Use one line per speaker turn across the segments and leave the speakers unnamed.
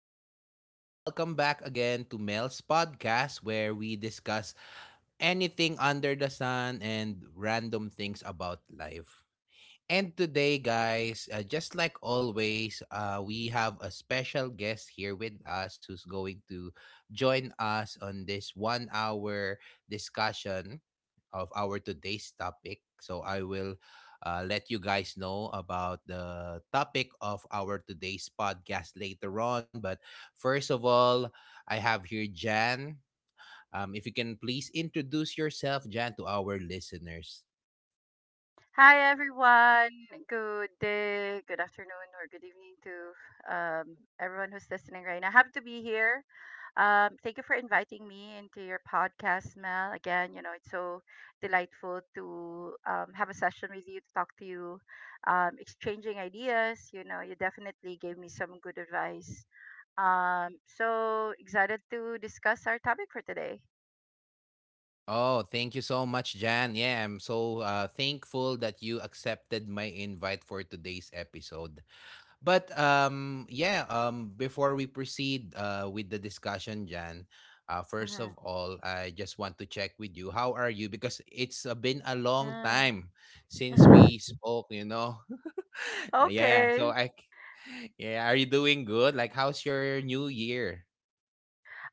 everyone, and welcome back again to Mel's podcast where we discuss anything under the sun and random things about life. And today, guys, just like always, we have a special guest here with us who's going to join us on this 1 hour discussion of our today's topic. So I will let you guys know about the topic of our today's podcast later on. But first of all, I have here Jan. If you can please introduce yourself, Jan, to our listeners.
Hi everyone. Good day, good afternoon, or good evening to everyone who's listening right now. Happy to be here. Thank you for inviting me into your podcast, Mel. Again, you know it's so delightful to have a session with you, to talk to you, exchanging ideas. You know, you definitely gave me some good advice. So excited to discuss our topic for today.
Oh, thank you so much, Jan. Yeah, I'm so thankful that you accepted my invite for today's episode. But before we proceed with the discussion, Jan, first
Mm-hmm.
of all, I just want to check with you. How are you? Because it's been a long
Mm.
time since we spoke. You know, yeah.
Okay.
Yeah, are you doing good? Like, how's your new year?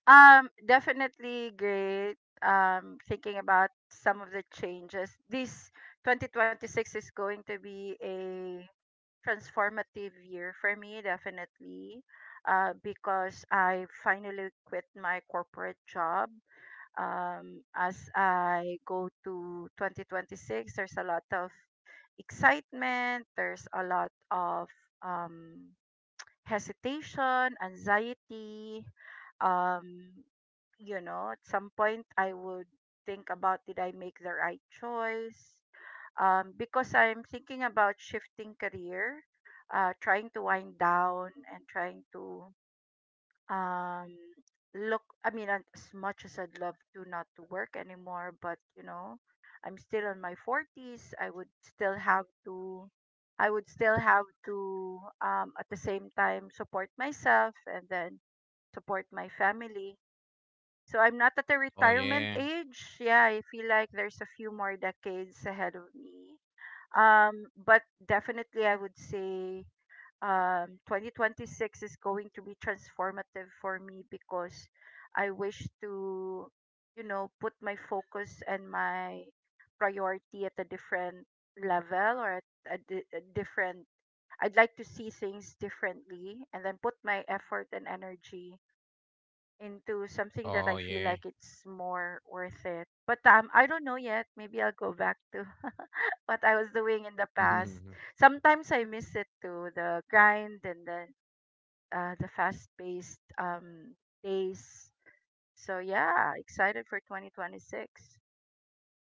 Definitely great. Thinking about some of the changes. This 2026 is going to be a transformative year for me, definitely, because I finally quit my corporate job. As I go to 2026, there's a lot of excitement, there's a lot of um, hesitation, anxiety, um at some point I would think about, did I make the right choice? Because I'm thinking about shifting career, trying to wind down and trying to um, look. I mean, as much as I'd love to not to work anymore, but I'm still in my 40s. I would still have to, at the same time, support myself and then support my family, so I'm not at a
Oh
retirement
yeah.
age. Yeah, I feel like there's a few more decades ahead of me. But definitely I would say 2026 is going to be transformative for me, because I wish to, put my focus and my priority at a different level, or at a, di- a different I'd like to see things differently and then put my effort and energy into something that
Oh
I feel
yeah.
like it's more worth it. But I don't know yet. Maybe I'll go back to what I was doing in the past. Sometimes I miss it too, the grind and then the fast-paced days. So yeah, excited for 2026.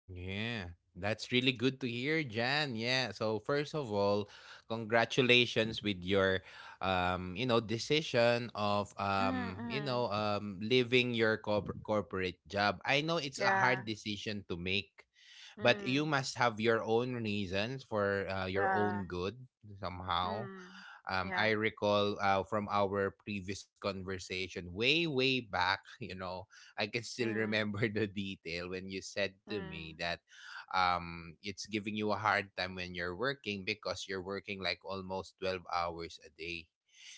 Yeah, that's really good to hear, Jan. Yeah. So first of all, congratulations with your decision of,
Mm-hmm, mm-hmm.
leaving your corporate job. I know it's a
Yeah.
hard decision to make, but you
Mm,
must have your own reasons for your
yeah.
own good somehow.
Mm, yeah.
I recall from our previous conversation way, way back, you know, I can still
Mm,
remember the detail when you said to me
mm.
that it's giving you a hard time when you're working because you're working like almost 12 hours a day.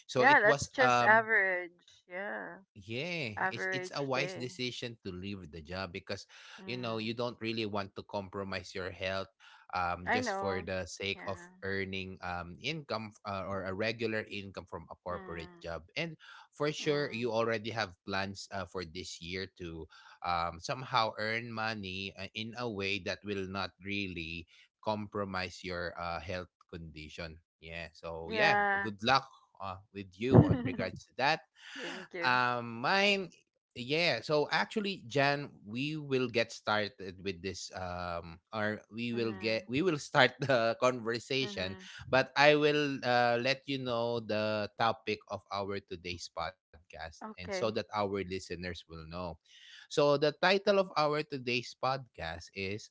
So
Yeah,
it
that's
was
just average. Yeah,
yeah, it's a
average
wise
day.
decision to leave the job because you know you
Mm.
don't really want to compromise your health
I
just for
know.
the sake of
Yeah.
earning income, or a regular income from a corporate
Mm.
job. And for sure
Mm.
you already have plans for this year to somehow earn money in a way that will not really compromise your health condition. Yeah. So yeah,
Yeah.
good luck with you on regards to that
Thank you.
um, mine, yeah. So actually, Jan, we will get started with this. Or
Mhm.
we will start the conversation.
Mhm.
But I will let you know the topic of our today's podcast, and so that
Okay.
our listeners will know. So the title of our today's podcast is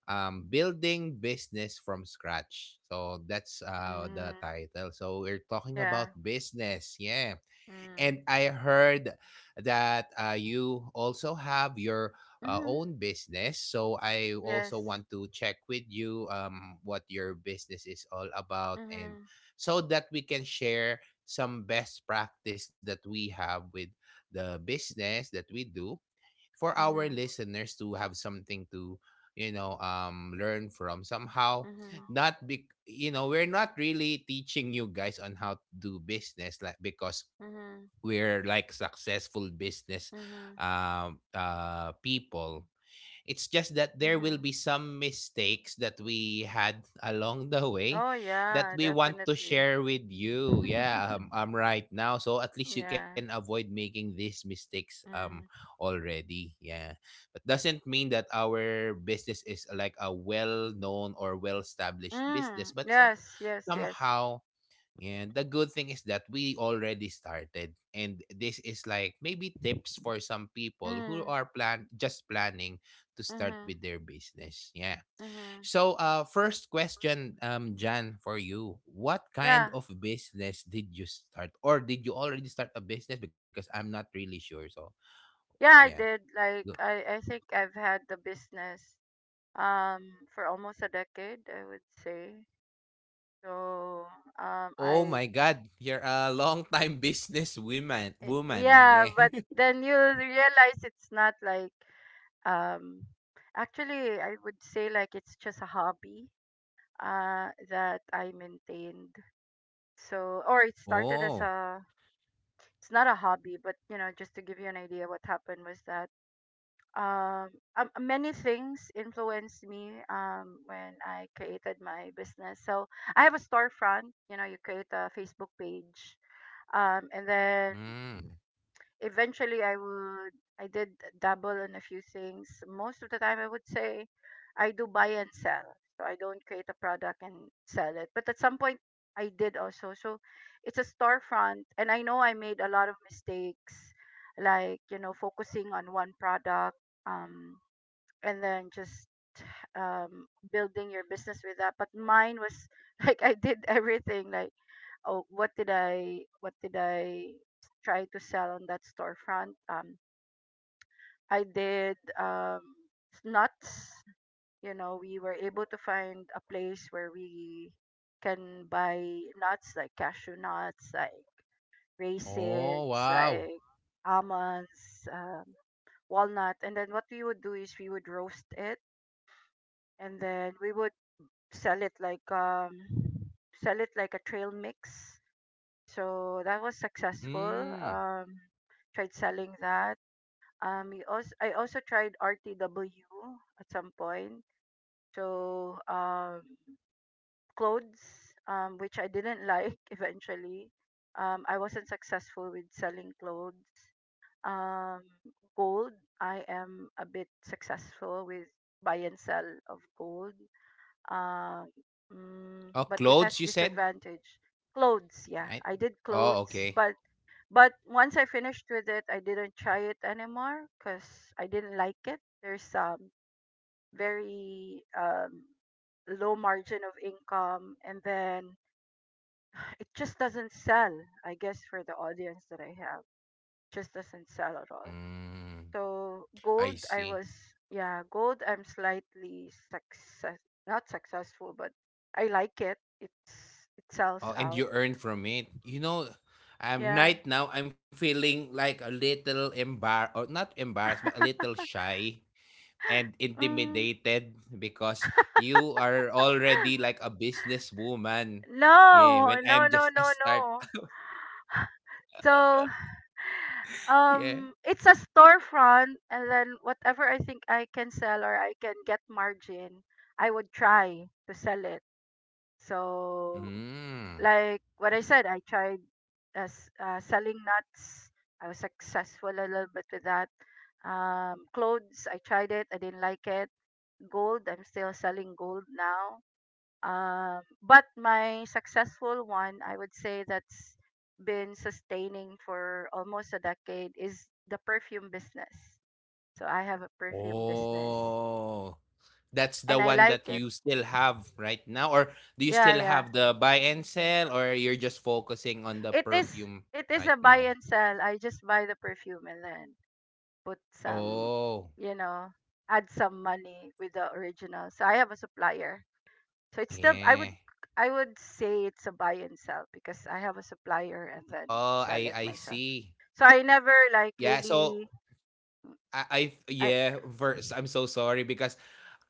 building business from scratch. So that's the
Mm.
title. So we're talking
Yeah.
about business. Yeah.
Mm.
And I heard that you also have your
Mhm.
own business. So I
Yes.
also want to check with you what your business is all about, and
Mhm.
so that we can share some best practice that we have with the business that we do for our
Mhm.
listeners to have something to you know learn from somehow,
Mhm.
not be, you know, we're not really teaching you guys on how to do business like because
Mhm.
we're like successful business
Mhm.
people. It's just that there will
Mhm.
be some mistakes that we had along the way
Oh
that
yeah,
we want to
definitely.
share with you yeah um, um right now, so at least you can
Yeah.
avoid making these mistakes
Mm.
already, yeah. But doesn't mean that our business is like a well known or well established business,
Mm.
but
Yes. Yes. Yes.
somehow. And the good thing is that we already started. And this is like maybe tips for some people who
Mm.
are plan just planning to start
Mhm.
with their business. Yeah.
Mhm.
So first question, Jan, for you. What kind
Yeah.
of business did you start? Or did you already start a business? Because I'm not really sure. So
Yeah,
yeah.
I did.
Go.
Like I think I've had the business for almost a decade, I would say. So um
Oh
i
my god, you're a long time business woman woman.
yeah,
Yeah.
but then you realize it's not like um actually, I would say, like, it's just a hobby that I maintained. So or it started as
Oh.
a it's not a hobby, but, you know, just to give you an idea, what happened was that um many things influenced me when I created my business. So I have a storefront, you create a Facebook page. And then
Mm.
eventually I did dabble in a few things. Most of the time I would say I do buy and sell. So I don't create a product and sell it. But at some point I did also. So it's a storefront, and I know I made a lot of mistakes, like, focusing on one product, um and then just um building your business with that. But mine was, like, I did everything, like, oh, what did I try to sell on that storefront? I did nuts. We were able to find a place where we can buy nuts, like cashew nuts, like
Oh
raisins,
wow.
like almonds, walnut, and then what we would do is we would roast it, and then we would sell it like um sell it like a trail mix. So that was successful.
Mm.
Tried selling that. We also I also tried RTW at some point. So clothes, which I didn't like eventually. I wasn't successful with selling clothes. Um, Gold, I am a bit successful with buy and sell of gold. Um,
Oh,
but it has
clothes you said,
disadvantage. Clothes, yeah,
right?
I did
Oh,
clothes,
okay.
but once I finished with it, I didn't try it anymore because I didn't like it. There's very low margin of income, and then it just doesn't sell. I guess for the audience that I have, just doesn't sell at all.
Mm,
So
I
gold, I
see.
was yeah, gold. I'm slightly success not successful, but I like it. It sells
Oh, and
out.
you earn from it. You know,
Yeah.
right now I'm feeling like a little embar or not embarrassed, but a little shy and
Mm.
intimidated because you are already like a businesswoman. Yeah,
No,
when
no,
I'm
no,
just a
no,
start.
no. So
Yeah.
it's a storefront, and then whatever I think I can sell or I can get margin, I would try to sell it. So
Mm.
like what I said, I tried, as selling nuts. I was successful a little bit with that. Clothes, I tried it. I didn't like it. Gold, I'm still selling gold now. But my successful one, I would say, that's been sustaining for almost a decade, is the perfume business. So I have a perfume business
Oh, that's the
and I
one
like
that
it.
you still have right now, or do you
Yeah,
still
yeah.
have the buy and sell, or you're just focusing on the
It is
perfume
it is a
right
buy
now?
and sell. I just buy the perfume and then put some,
Oh,
you know, add some money with the original. So I have a supplier. So it's still, I
yeah.
would I would say, it's a buy and sell because I have a supplier and then
Oh,
sell it
I
myself.
see.
So I never, like,
Yeah, so
really.
I
I,
yeah, verse I'm so sorry because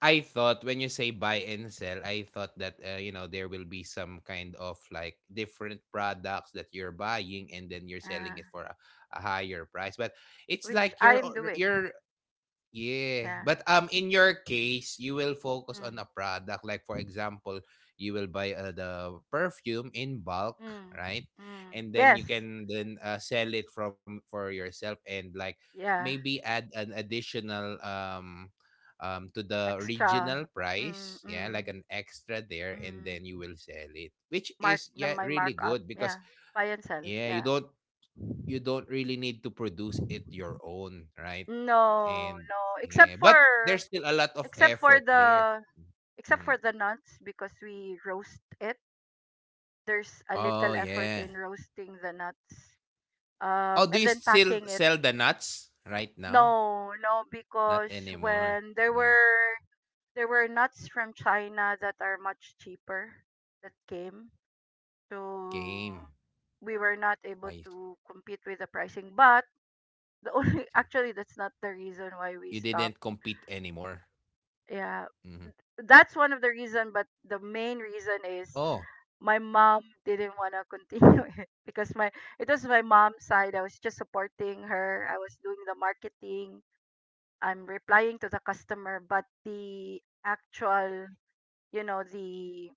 I thought when you say buy and sell, I thought that you know there will be some kind of like different products that you're buying and then you're selling
uh,
it for a higher price. But it's
which
like
I
you're
am
al-
doing.
you're yeah,
Yeah.
but in your case, you will focus
Mm,
on a product. Like for example, you will buy the perfume in bulk,
mm,
right?
mm.
And then
Yes.
you can then sell it from for yourself and like
Yeah.
maybe add an additional to the original
Extra.
price,
Mm,
yeah, like
mm,
an extra there, and then
mm.
you will sell it, which
Mark
is
the
yeah
my
really
markup.
good because
Yeah. Buy and sell.
yeah you
Yeah.
don't, you don't really need to produce it your own, right?
No,
And
no. Except
yeah, but
for.
there's still a lot of
Except for
effort there.
the except
Mhm.
for the nuts, because we roast it. There's a
Oh
little effort
yeah.
in roasting the nuts.
Oh, do
And
you
then
still
packing it.
sell the nuts right now?
No, no,
Not
because
anymore.
when
Mm.
there were nuts from China that are much cheaper that came.
That
So
game.
we were not able
I see.
to compete with the pricing, but
You didn't
the only
compete
actually, that's
anymore.
not the reason why we stopped.
Hmm.
Yeah, that's one of the reason, but the main reason is
Oh.
my mom didn't want to continue it, because my it was my mom's side. I was just supporting her. I was doing the marketing. I'm replying to the customer, but the actual, you know,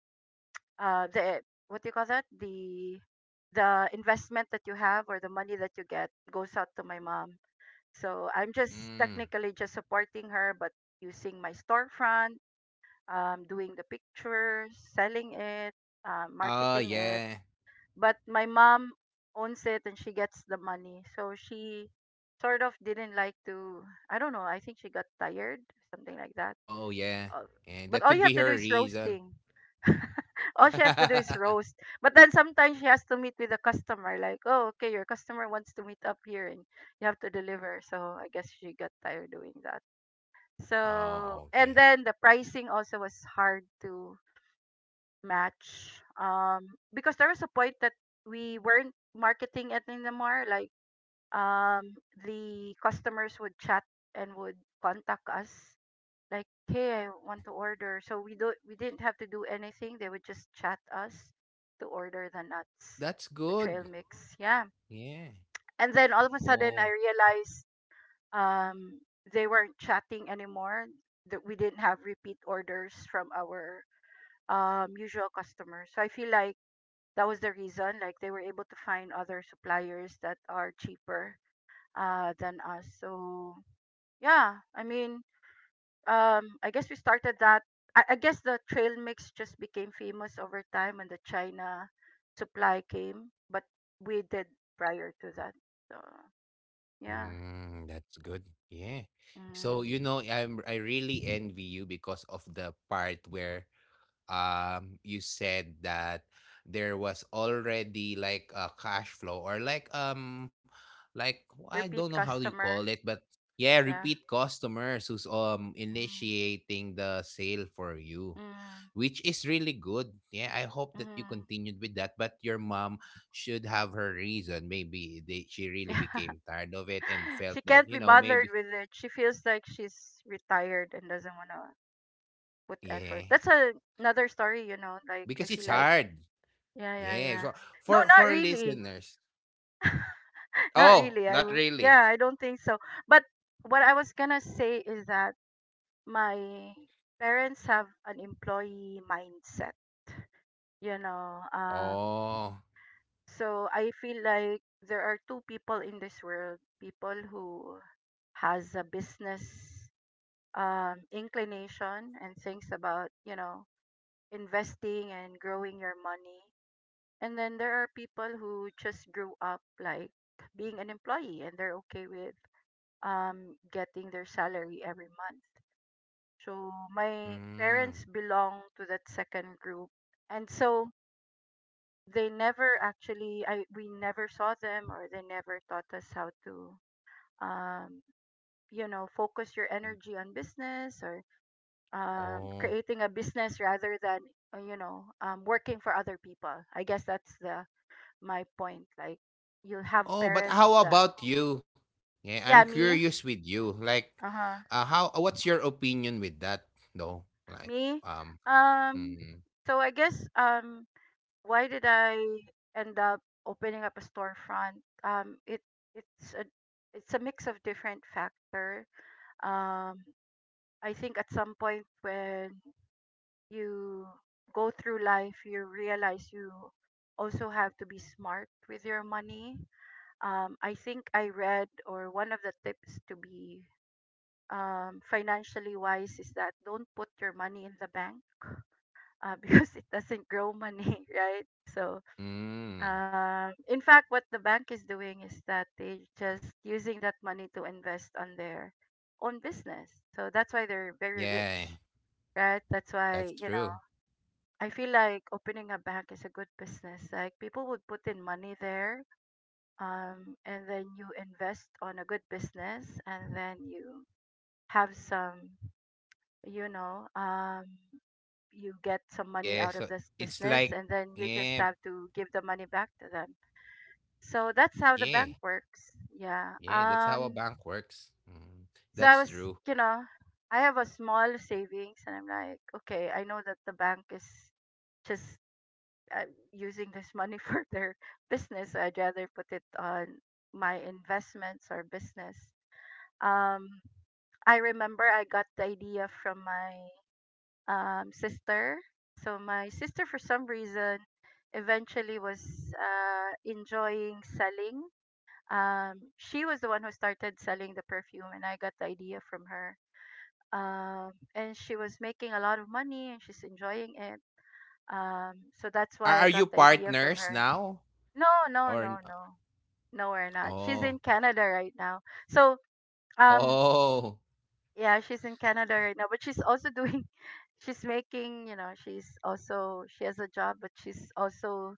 the what do you call that? The investment that you have, or the money that you get, goes out to my mom. So I'm just
Mm.
technically just supporting her, but using my storefront, doing the pictures, selling it,
Oh
marketing it,
yeah.
but my mom owns it and she gets the money. So she sort of didn't like to, I don't know, I think she got tired, something like that.
Oh yeah.
Uh,
And
But
that
all
could
you have
be
to do
her
is
reason.
roasting. All she has to do is roast. But then sometimes she has to meet with a customer, like, oh, okay, your customer wants to meet up here and you have to deliver. So I guess she got tired doing that. So,
Oh
and
okay.
then the pricing also was hard to match, because there was a point that we weren't marketing it anymore, like, um the customers would chat and would contact us,
Oh, that's
like,
good.
hey, I
Yeah,
want to order. So we didn't have to do anything. They would just chat us to order the nuts,
that's
the trail
good.
mix, yeah.
Yeah.
And then, all of a sudden, I
Oh,
realized, um they weren't chatting anymore, that we didn't have repeat orders from our usual customers. So I feel like that was the reason, like, they were able to find other suppliers that are cheaper than us. So, yeah, I mean, I guess we started that. I guess the trail mix just became famous over time, when the China supply came, but we did prior to that. So, yeah.
mm, that's good. Yeah. So you know,
Mm.
I really envy you because of the part where you said that there was already like a cash flow or like like I don't know
Repeat
how you call it,
customer.
but yeah,
Yeah.
repeat customers who's
Mm.
initiating the sale for you,
Mm.
which is really good. Yeah, I hope that you
Mm.
continued with that, but your mom should have her reason. Maybe she really became
Yeah.
tired of it and felt
She
that
can't
you
be
know
bothered
maybe
with it. She feels like she's retired and doesn't want to put effort.
yeah
That's another story. Like, I
because it's
feel like,
hard
yeah, yeah,
yeah
yeah. No, not
for
really.
listeners.
Not
Oh,
really. I
not
would yeah,
really.
I don't think so. But what I was gonna say is that my parents have an employee mindset, you know. Um
Oh.
so I feel like there are two people in this world: people who has a business inclination and thinks about, investing and growing your money; and then there are people who just grew up like being an employee, and they're okay with getting their salary every month. So my
Mm.
parents belong to that second group. And so they never actually I we never saw them, or they never taught us how to um focus your energy on business, or
Oh.
creating a business rather than working for other people. I guess that's the my point. Like, you'll have
Oh, but
parents
how
that.
about you? Yeah, I'm
Yeah,
curious
me.
with you. Like,
Uh-huh.
how? What's your opinion with that, though? Like,
Me.
um,
Um
mm,
so I guess, why did I end up opening up a storefront? It's a it's a mix of different factor. Um I think at some point when you go through life, you realize you also have to be smart with your money. I think I read or one of the tips to be financially wise is that don't put your money in the bank, because it doesn't grow money, right? So,
mm,
in fact, what the bank is doing is that they just using that money to invest on their own business. So that's why they're very
yeah,
rich, right? That's
that's
why,
true.
I feel like opening a bank is a good business. Like, people would put in money there, and then you invest on a good business, and then you have some, you know um you get some money
Yeah,
out of
so
this
it's
business,
like,
and then you just
yeah,
have to give the money back to them. So that's how the bank
yeah,
works, yeah.
yeah. That's how a bank works. Mm,
So I
that's
was,
true.
I have a small savings, and I'm like, okay, I know that the bank is just uh, using this money for their business. I'd rather put it on my investments or business. um I remember I got the idea from my sister. So my sister, for some reason, eventually was enjoying selling. She was the one who started selling the perfume, and I got the idea from her. And she was making a lot of money, and she's enjoying it. Um, so that's why I
Are
got
you
the idea from
partners
her.
now
No, no,
or?
no, no, no, we're not. She's in
Oh,
Canada right now. So, um,
oh,
yeah, she's in Canada right now, but she's also doing she's making, she's also, she has a job, but she's also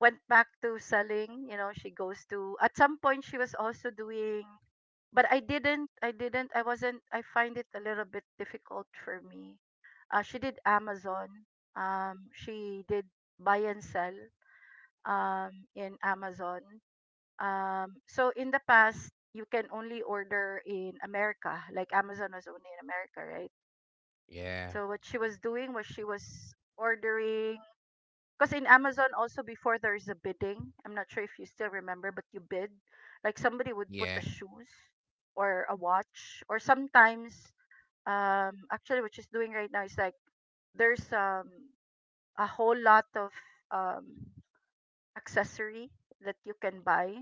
went back to selling, she goes to, at some point she was also doing, but I didn't I didn't I wasn't I find it a little bit difficult for me. She did Amazon. She did buy and sell in Amazon. So in the past, you can only order in America, like Amazon was only in America, right?
yeah.
So what she was doing was she was ordering, because in Amazon also before, there is a bidding. I'm not sure if you still remember, but you bid. Like, somebody would put a
Yeah.
shoes or a watch, or sometimes, actually, what she's doing right now is like, there's a whole lot of um accessory that you can buy,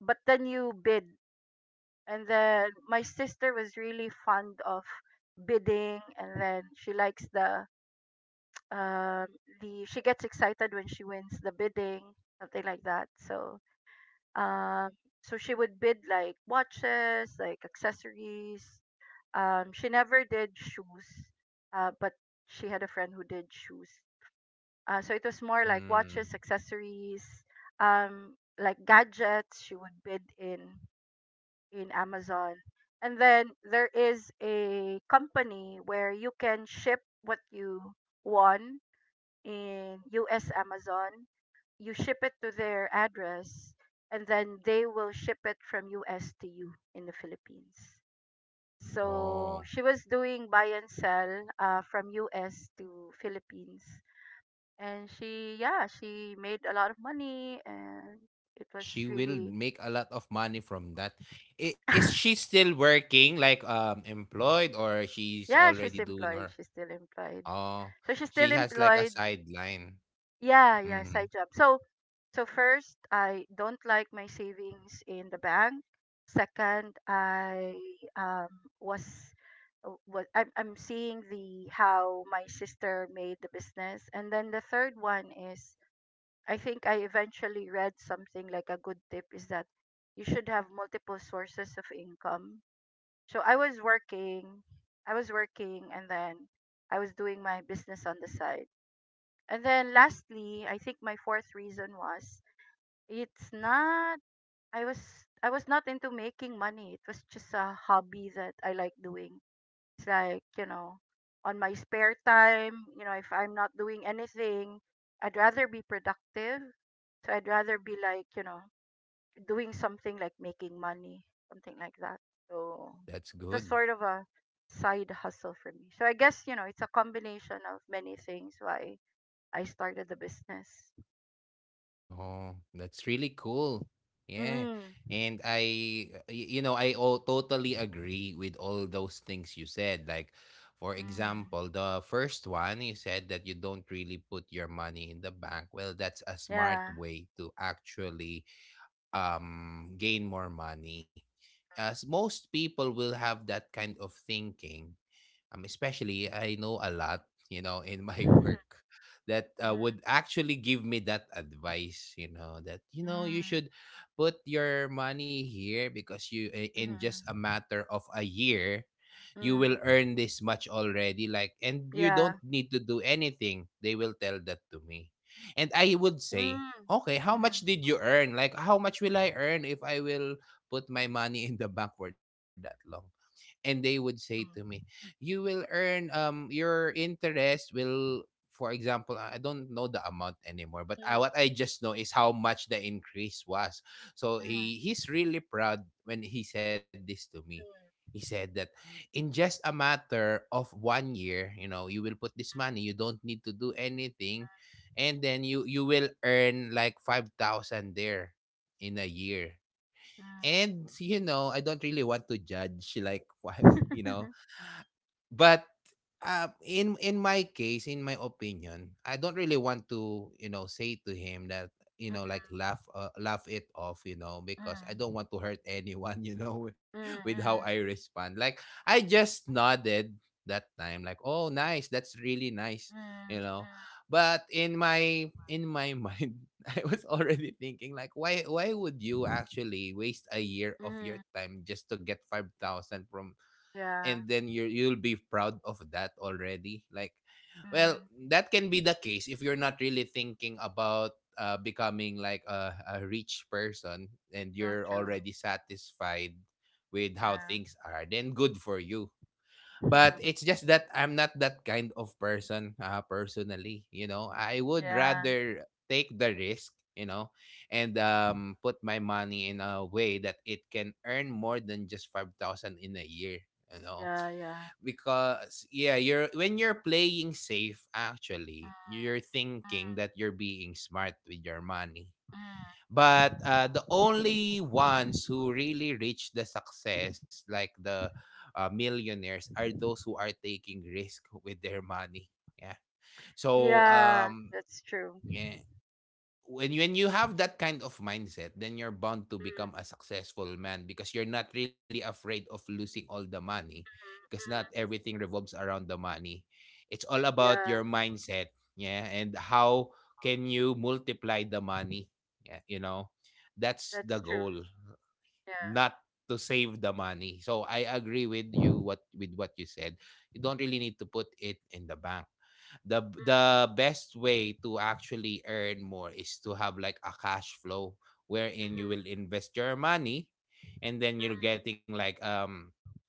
but then you bid. And then my sister was really fond of bidding, and then she likes the, um she gets excited when she wins the bidding, something like that. So, um so she would bid like watches, like accessories. She never did shoes, but she had a friend who did shoes. So it was more like watches,
Mm.
accessories, um like gadgets. She would bid in Amazon. And then there is a company where you can ship what you want in US Amazon. You ship it to their address, and then they will ship it from US to you in the Philippines. So she
Oh,
was doing buy and sell, from US to Philippines. And she, yeah, she made a lot of money, and it was
she
really,
will make a lot of money from that. Is she still working, like employed, or she's
yeah, she's
already doing
employed.
her?
She's still employed.
Oh,
So she's still
she has like a
employed.
sideline.
Yeah, yeah, side
Mm-hmm.
job. So, so first, I don't like my savings in the bank. Second, I, um, was, I'm seeing the how my sister made the business, and then the third one is, I think I eventually read something like, a good tip is that you should have multiple sources of income. So I was working, and then I was doing my business on the side. And then lastly, I think my fourth reason was, it's not, I was I was not into making money. It was just a hobby that I like doing. It's like, on my spare time, if I'm not doing anything, I'd rather be productive. So I'd rather be like, doing something like making money, something like that. So
That's
it was
good.
sort of a side hustle for me. So I guess, it's a combination of many things why I started the business.
Oh, that's really cool. Yeah.
Mm,
And you know, I all totally agree with all those things you said. Like, for
mm,
example, the first one, you said that you don't really put your money in the bank. Well, that's a smart
yeah.
way to actually gain more money. As most people will have that kind of thinking especially I know a lot, you know, in my work that would actually give me that advice, you know, that, you know, you
Mm,
should put your money here because in just
mhm,
a matter of a year, you will
mm,
earn this much already. Like, and you don't
yeah.
need to do anything. They will tell that to me. And I would say,
Mm,
okay, how much
mhm,
did you earn? Like, how much will I earn if I will put my money in the bank for that long? And they would say to me
mm,
you will earn your interest will, for example, I don't know the amount anymore, but
mm,
what I just know is how much the increase was. So
mm,
he's really proud when he said this to me.
mm,
He said that in just a matter of 1 year, you know, you will put this money, you don't need to do anything, and then you will earn like 5,000 there in a year.
mm.
And you know, I don't really want to judge like why you know. But, in my case, in my opinion, I don't really want to, you know, say to him that, you know, like laugh it off, you know, because I
Mm,
don't want to hurt anyone, you know, with
mm,
how I
mm,
respond. Like I just nodded that time like, "Oh, nice. That's really nice." You
mm,
know.
mm,
But in my mind, I was already thinking like, why would you actually waste a year of your
mm,
time just to get 5,000 from?
yeah.
And then you'll be proud of that already. Like, well,
Mm,
that can be the case if you're not really thinking about becoming like a rich person and
so
you're
true.
already satisfied with how
Yeah.
things are, then good for you. But it's just that I'm not that kind of person, personally. You know, I would
Yeah,
rather take the risk, you know, and put my money in a way that it can earn more than just 5,000 in a year, you know.
yeah, yeah.
Because yeah, you're, when you're playing safe,
Mm,
actually you're
mm,
thinking that you're being smart with your money,
mm.
but the only ones who really reach the success like the millionaires are those who are taking risk with their money. Yeah. so
Yeah,
um
that's true.
yeah when when you have that kind of mindset, then you're bound to
Mm,
become a successful man because you're not really afraid of losing all the money, because
mm,
not
mm.
everything revolves around the money. It's all about
Yeah,
your mindset, yeah, and how can you multiply the money? Yeah, you know, that's the
that's true.
goal,
Yeah.
not to save the money. So I agree with you what with what you said. You don't really need to put it in the bank. The
Mm,
best way to actually earn more is to have like a cash flow wherein you will invest your money, and then
mhm,
you're getting like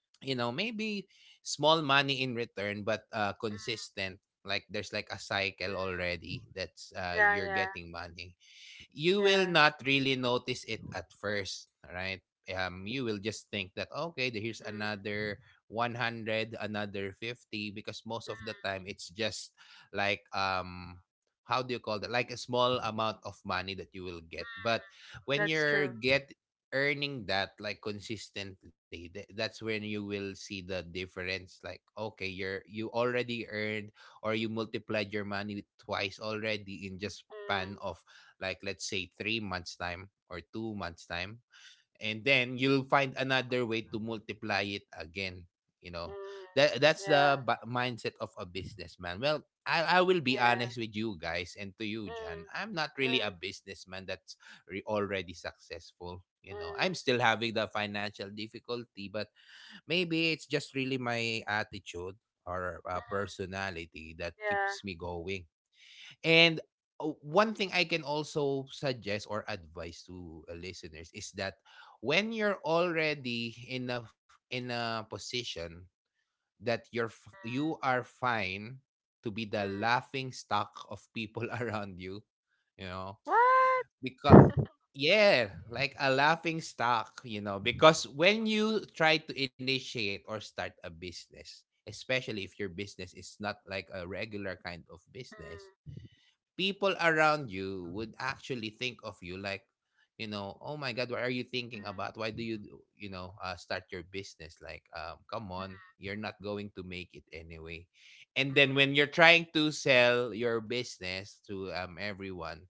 you know, maybe small money in return, but
mm.
consistent. Like there's like a cycle
Mm,
already, that's
yeah,
you're
yeah,
getting money. You will
yeah.
not really notice it at first, right? You will just think that okay, here's
Mm,
another 100, another 50, because most
mm,
of the time it's just like how do you call that? Like a small amount of money that you will get. But
mm.
when
That's
you're
true.
get earning that like consistently, that's when you will see the difference, like okay, you already earned, or you multiplied your money twice already in just span
Mm,
of like let's say three months time or two months time, and then you'll find another way to multiply it again, you know.
mm.
that that's
Yeah,
the ba- mindset of a businessman. Well, I will be
yeah.
honest with you guys, and to you, Jan,
Mm,
I'm not really a
mm,
businessman that's already successful, you know.
mm,
I'm still having the financial difficulty, but maybe it's just really my attitude or
mm.
personality that
Yeah.
keeps me going. And one thing I can also suggest or advise to listeners is that when you're already in a position that you are fine to be the
Mm.
laughing stock of people around you, you know. Because
What?
yeah, like a laughing stock, you know, because when you try to initiate or start a business, especially if your business is not like a regular kind of business,
Mm,
people around you would actually think of you like, you know, oh my God, what are you thinking about? Why do you, you know, start your business? Like, come on, you're not going to make it anyway. And then when you're trying to sell your business to everyone,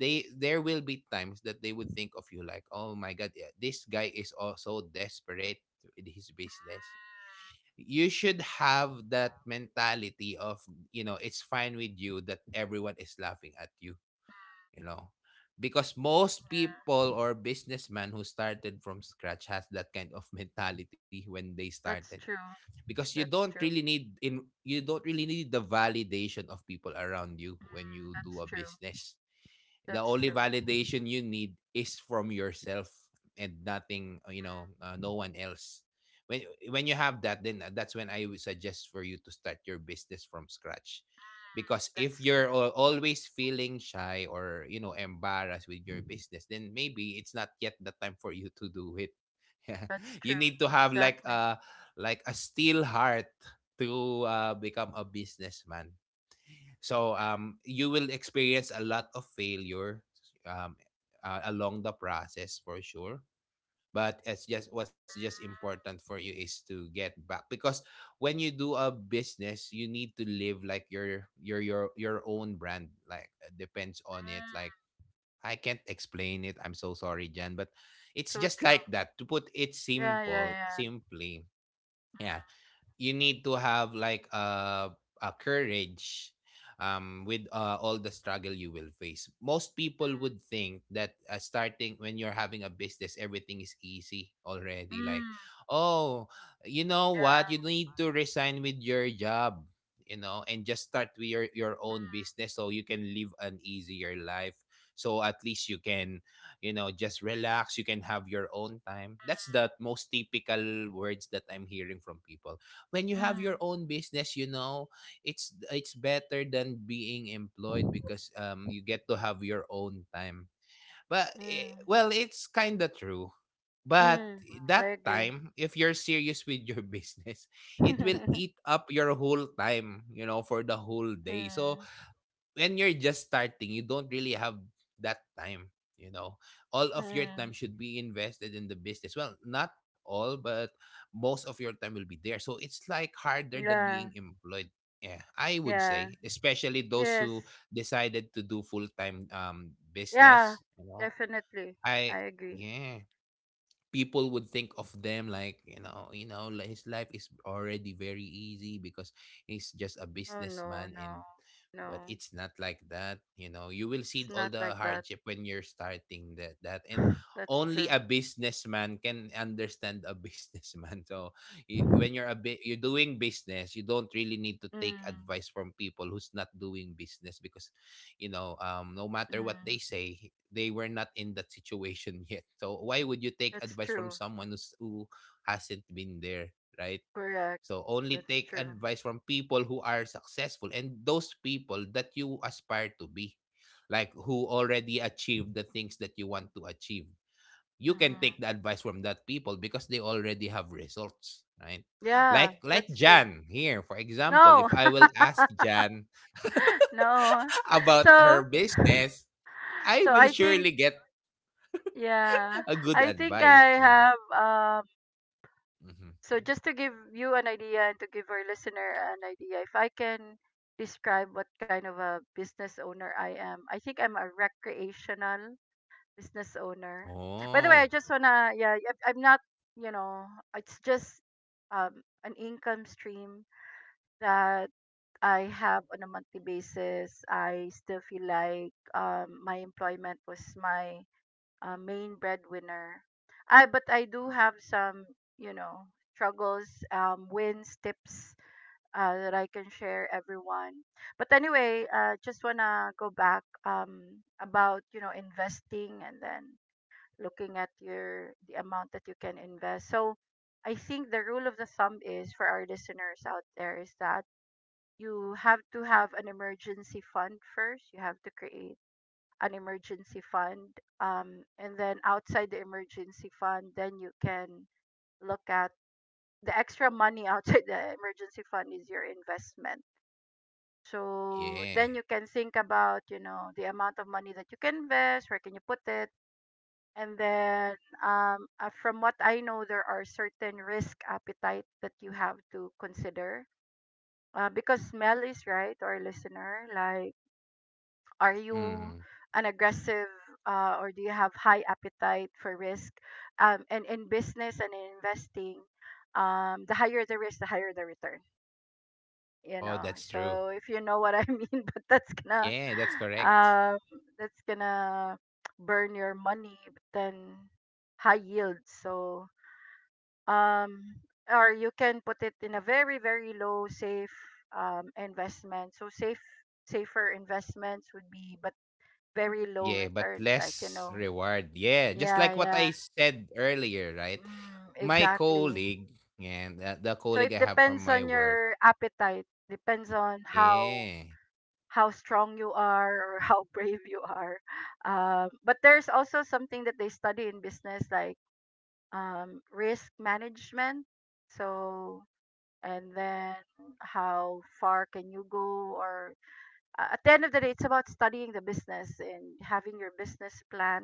they there will be times that they would think of you like, oh my God, yeah, this guy is also desperate in his business. You should have that mentality of, you know, it's fine with you that everyone is laughing at you, you know. Because most people or businessmen who started from scratch has that kind of mentality when they started.
that's true.
Because
That's true.
you don't really need the validation of people around you
Mm,
when you do
that's
a
true.
business. The
That's
only
true.
validation you need is from yourself, and nothing, you know, no one else. When when you have that, then that's when I would suggest for you to start your business from scratch. Because if
That's true.
you're always feeling shy or, you know, embarrassed with your business, then maybe it's not yet the time for you to do it. Yeah.
That's
You
true.
need to have like
Exactly.
a, like a steel heart to become a businessman. So you will experience a lot of failure, um, along the process for sure. But it's just what's just important for you is to get back. Because when you do a business, you need to live like your own brand. Like, depends on it. Like,
Mm,
I can't explain it. I'm so sorry, Jan, but it's
so
just
true.
like that. To put it
Yeah, yeah,
simple,
yeah.
simply, yeah, you need to have like a courage, with all the struggle you will face. Most people would think that starting when you're having a business, everything is easy
Mm, mm,
already. Like,
mm,
oh, you know what? You need to resign with your job, you know, and just start with your
yeah.
own business so you can live an easier life. So at least you can, you know, just relax. You can have your own time. That's the most typical words that I'm hearing from people. When you
Mm,
have your
mm.
own business, you know, it's better than being employed,
Mm,
because you get to have your own time. But eh, well, it's kind of true. But
mm,
eh,
I
that
agree.
time, if you're serious with your business, it will
Mm,
eat up your whole time, you know, for the whole day. So when you're just starting, you don't really have that time. You know, all of your
mm,
time should be invested in the business. Well, not all, but most of your time will be there. So it's like harder than
yeah,
being employed. Yeah, I would
yeah,
say, especially those
yes,
who decided to do full time
yeah,
business. You know,
definitely.
I,
I agree.
yeah, people would think of them like, you know, you know, like his life is already very easy because he's just a
Oh no,
businessman.
no,
And but
no,
it's not like that, you know. You will see
it's
all
not
the
like that.
hardship when you're starting. That that And
That's
only
true.
a businessman can understand a businessman. So you, when you're a bit you're doing business, you don't really need to take
Mm,
advice from people who's not doing business. Because, you know, no matter what
mm,
they say, they were not in that situation yet. So why would you take
that's
advice from
true.
someone who's, who hasn't been there, right?
Correct.
So only take
That's true.
advice from people who are successful and those people that you aspire to be, like who already achieved the things that you want to achieve. You can
Mm,
take the advice from that people because they already have results, right?
yeah,
Like
that's true.
Jan here, for example,
No,
if I will ask Jan
no.
about her
So,
business, I
so
will
I think,
surely get
yeah,
a good
I think I
advice. Yeah.
have,
Hmm.
so just to give you an idea and to give our listener an idea, if I can describe what kind of a business owner I am, I think I'm a recreational business owner. By the way, I
Oh,
just wanna, yeah, I'm not, you know, it's just an income stream that I have on a monthly basis. I still feel like my employment was my main breadwinner. I But I do have some, you know, struggles, wins, tips, that I can share everyone. But anyway, just wanna go back, about, you know, investing, and then looking at your the amount that you can invest. So I think the rule of the thumb is, for our listeners out there, is that you have to have an emergency fund first. You have to create an emergency fund, and then outside the emergency fund, then you can look at the extra money outside the emergency fund is your investment. So
yeah.
then you can think about, the amount of money that you can invest, where can you put it. And then, from what I know, there are certain risk appetite that you have to consider, because Mel is right. Our listener, like, are you
Mm.
an aggressive, or do you have high appetite for risk? And in business and in investing, the higher the risk, the higher the return. You
Oh,
know,
that's true.
so if you know what I mean. But
Yeah, that's correct.
um, that's gonna burn your money. But then high yield. So, um, or you can put it in a very very low safe investment. So safer investments would be, but very low
Yeah, but
returns, like, you
less
know.
reward. Yeah, just
Yeah,
like what
yeah.
I said earlier, right? My
Exactly.
colleague, and the
So
colleague
it
I have from
depends
my
on
work.
your appetite, depends on how
Yeah,
strong you are, or how brave you are. But there's also something that they study in business, like, risk management. So, and then how far can you go, or at the end of the day, it's about studying the business and having your business plan.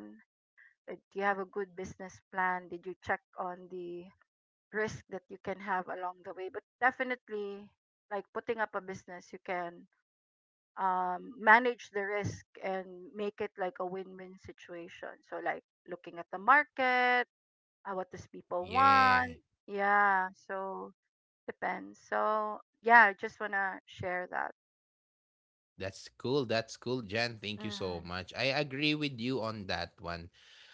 Do you have a good business plan? Did you check on the risk that you can have along the way? But definitely, like putting up a business, you can, manage the risk and make it like a win win situation. So, like, looking at the market, what does people
yeah.
want? Yeah, so depends. So, yeah, I just want to share that.
That's cool. That's cool, Jan. Thank you so
Mm,
much. I agree with you on that one.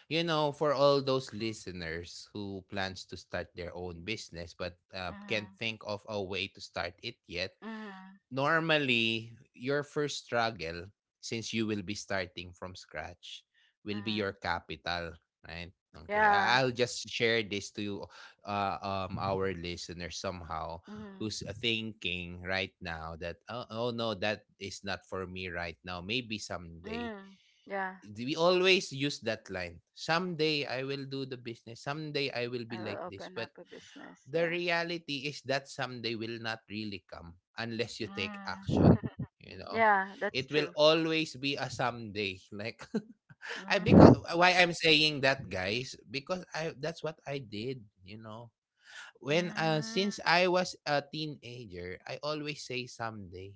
You know, for all those listeners who plans to start their own business but can't
mm,
think of a way to start it yet,
mm,
normally your first struggle, since you will be starting from scratch, will be your
mm,
capital, right? Okay,
yeah,
I'll just share this to our listeners somehow, who's
mm,
thinking right now that, oh, oh no, that is not for me right now, maybe someday.
mm, yeah.
We always use that line, someday I will do the business, someday I will be
I
like
will
this,
open
but
up a business.
the
Yeah.
reality is that someday will not really come unless you take
Mm.
action, you know.
Yeah, that's
It will
true.
always be a someday. Like, I because
Mm.
why I'm saying that, guys, because I that's what I did, you know. When
Mm.
since I was a teenager, I always say someday,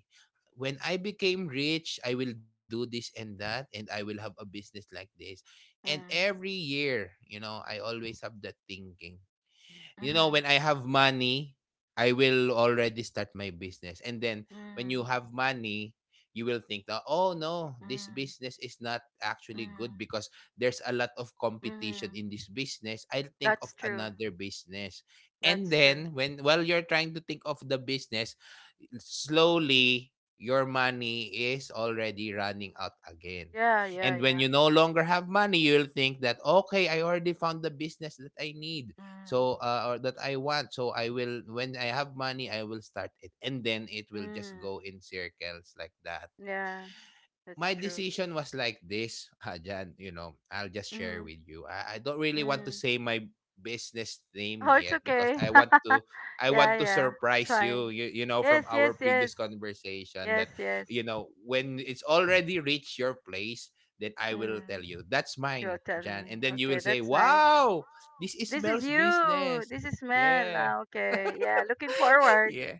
when I became rich, I will do this and that, and I will have a business like this. And
Mm.
every year, you know, I always have that thinking. You know,
Mhm.
when I have money, I will already start my business. And then when
Mm.
you have money, you will think that, oh no, this
Mm.
business is not actually good,
Mm.
because there's a lot of competition
Mhm.
in this business, I'll think of
That's true.
another business. And
That's true.
then when while you're trying to think of the business, slowly your money is already running out again.
Yeah, yeah,
And when
yeah.
you no longer have money, you'll think that, okay, I already found the business that I need.
Mm.
So or that I want. So I will, when I have money, I will start it. And then it will just
Mm.
go in circles like that.
Yeah, that's
My
true.
decision was like this, Hajan, you know, I'll just share
Mm.
with you. I don't really want to
Mm.
say my business name
Oh, it's
yet because
okay.
I want to, I
Yeah,
want to
yeah. It's
surprise you,
fine.
you, you know, from
Yes,
our
yes,
previous
yes.
conversation
Yes,
that,
yes.
you know, when it's already reached your place, then I will tell you.
Mm.
That's
You'll
mine,
tell
Jan. And
me.
then you will
Okay,
say,
that's nice.
Wow, this is
This is
Mel's
you.
business.
This is Mel.
Yeah.
Ah, okay. Yeah, looking forward.
Yeah.